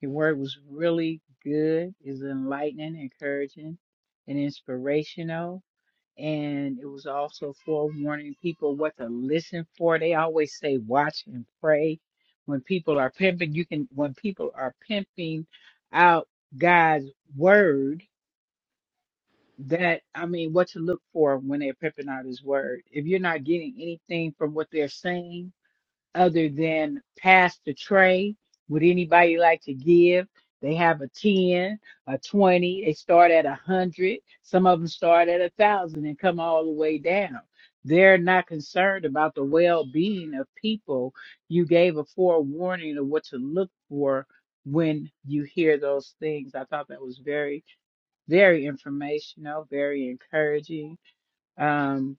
S3: Your word was really good, is enlightening, encouraging, and inspirational. and it was also forewarning people what to listen for. They always say watch and pray. When people are pimping, you can when people are pimping out God's word, that I mean what to look for when they're pimping out his word. If you're not getting anything from what they're saying, other than Pastor Trey. Would anybody like to give? They have a 10, a 20, they start at a 100. Some of them start at a 1,000 and come all the way down. They're not concerned about the well being of people. You gave a forewarning of what to look for when you hear those things. I thought that was very, very informational, very encouraging. Um,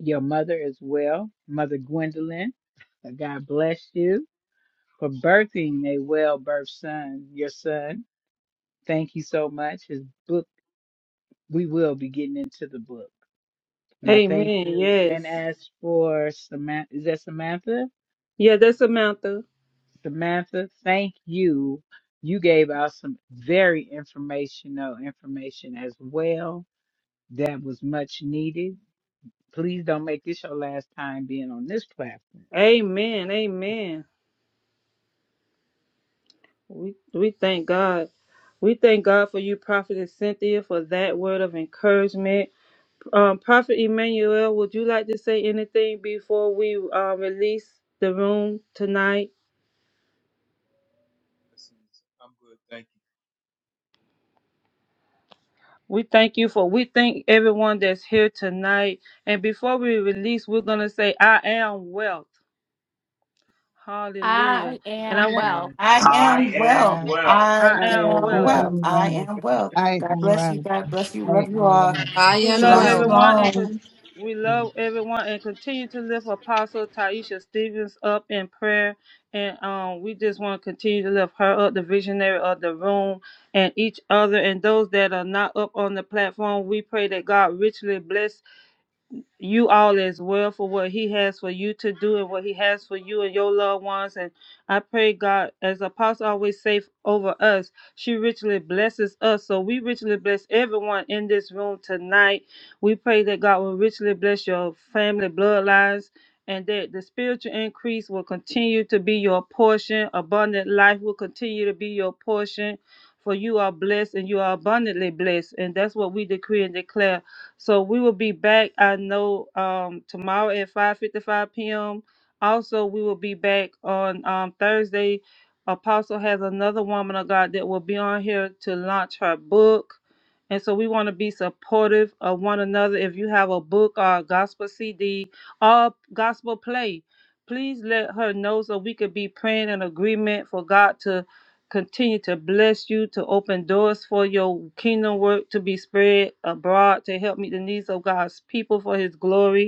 S3: your mother as well, Mother Gwendolyn. God bless you for birthing a well birthed son, your son. Thank you so much. His book, we will be getting into the book. And I thank
S4: Amen.
S3: you.
S4: Yes.
S3: And as for Samantha, is that Samantha?
S4: Yeah, that's Samantha.
S3: Samantha, thank you. You gave out some very informational information as well that was much needed. Please don't make this your last time being on this platform.
S4: Amen. Amen. We we thank God. We thank God for you, Prophetess Cynthia, for that word of encouragement. Um, Prophet Emmanuel, would you like to say anything before we uh, release the room tonight?
S12: Blessings. I'm good, thank you.
S4: We thank you for, we thank everyone that's here tonight. And before we release, we're going to say, I am wealth. Hallelujah. And I want,
S3: Yeah.
S5: I
S2: I
S5: am
S2: am
S5: well.
S7: Rev.
S2: well.
S5: I
S4: I
S3: I
S4: am
S3: am
S7: I
S5: am
S4: wealth.
S3: well.
S5: well.
S7: am
S5: I
S7: Rev.
S5: am well.
S7: I
S5: God
S7: am
S5: bless you.
S7: Rev.
S5: God bless you.
S7: I
S5: Love you all.
S7: am
S4: We love
S5: Shalom.
S3: I am
S4: everyone and
S3: well.
S4: con-
S5: Shalom.
S4: we
S7: Rev.
S4: love everyone and continue to lift Apostle Taisha Stevens up in prayer. And um, we just want to continue to lift her up, the visionary of the room, and each other and those that are not up on the platform. We pray that God richly bless you all as well for what he has for you to do and what he has for you and your loved ones and i pray god as apostle always say over us she richly blesses us so we richly bless everyone in this room tonight we pray that god will richly bless your family bloodlines and that the spiritual increase will continue to be your portion abundant life will continue to be your portion for you are blessed and you are abundantly blessed and that's what we decree and declare so we will be back. I know um, tomorrow at 5:55 p.m. Also, we will be back on um, Thursday. Apostle has another woman of God that will be on here to launch her book. And so we want to be supportive of one another. If you have a book or a gospel CD or gospel play, please let her know so we could be praying in agreement for God to continue to bless you, to open doors for your kingdom work to be spread abroad, to help meet the needs of God's people for his glory.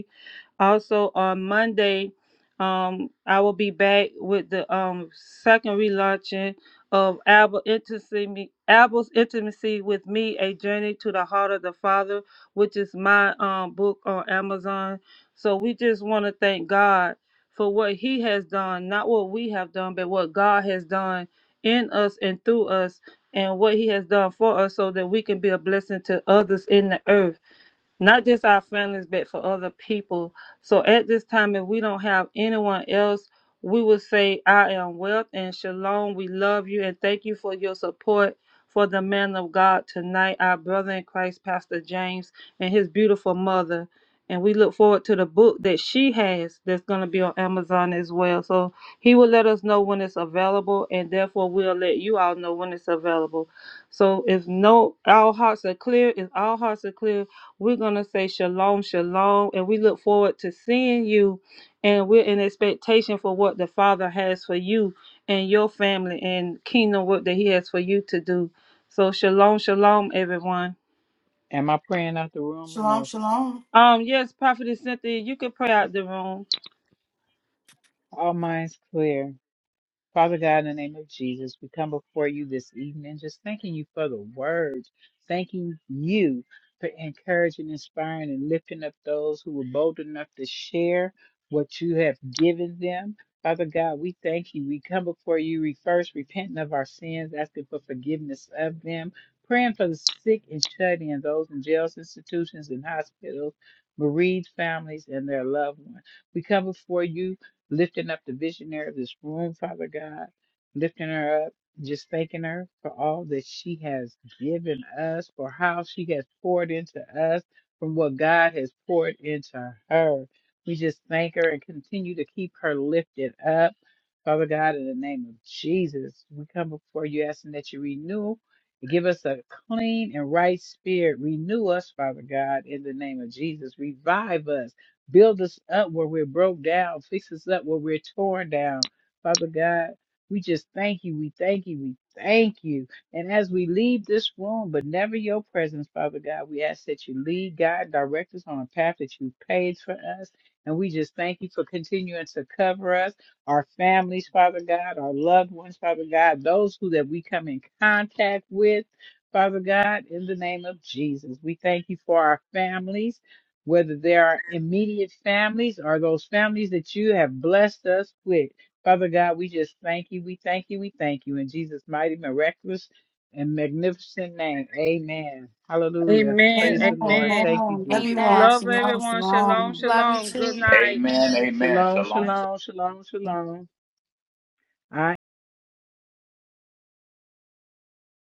S4: Also on Monday, um, I will be back with the um second relaunching of Albert Intimacy, Me- Albert's Intimacy with Me: A Journey to the Heart of the Father, which is my um book on Amazon. So we just want to thank God for what He has done, not what we have done, but what God has done in us and through us, and what He has done for us, so that we can be a blessing to others in the earth not just our families, but for other people. So at this time, if we don't have anyone else, we will say, I am wealth and shalom. We love you and thank you for your support for the man of God tonight, our brother in Christ, Pastor James, and his beautiful mother. And we look forward to the book that she has that's going to be on Amazon as well. So he will let us know when it's available, and therefore we'll let you all know when it's available. So if no, all hearts are clear, if all hearts are clear, we're going to say shalom, shalom, and we look forward to seeing you. And we're in expectation for what the Father has for you and your family and kingdom work that He has for you to do. So, shalom, shalom, everyone.
S3: Am I praying out the room or no?
S4: Um, yes, Prophetess Cynthia, you can pray out the room.
S3: All minds clear. Father God, in the name of Jesus, we come before you this evening just thanking you for the words, thanking you for encouraging, inspiring, and lifting up those who were bold enough to share what you have given them. Father God, we thank you. We come before you re- first repenting of our sins, asking for forgiveness of them, praying for the sick and shut in, those in jails, institutions, and hospitals, bereaved families, and their loved ones. We come before you lifting up the visionary of this room, Father God, lifting her up, just thanking her for all that she has given us, for how she has poured into us, from what God has poured into her. We just thank her and continue to keep her lifted up. Father God, in the name of Jesus, we come before you asking that you renew and Give us a clean and right spirit. Renew us, Father God, in the name of Jesus. Revive us. Build us up where we're broke down. Fix us up where we're torn down. Father God, we just thank you. We thank you. We thank you. And as we leave this room, but never your presence, Father God, we ask that you lead, God, direct us on a path that you paved for us. And we just thank you for continuing to cover us, our families, Father God, our loved ones, Father God, those who that we come in contact with. Father God, in the name of Jesus, we thank you for our families whether they are immediate families or those families that you have blessed us with. Father God, we just thank you. We thank you. We thank you in Jesus' mighty, miraculous, and magnificent name. Amen. Hallelujah. Praise
S4: Amen,
S3: the
S5: Amen.
S3: Lord.
S4: amen.
S3: Thank you,
S5: Amen. Love you
S3: Jesus.
S5: all.
S1: Amen.
S4: Love
S5: Shalom.
S4: everyone. Shalom,
S5: Shalom.
S1: Love
S4: shalom. Good night.
S2: Amen. Amen.
S3: Shalom,
S2: Shalom.
S3: shalom, shalom, shalom. I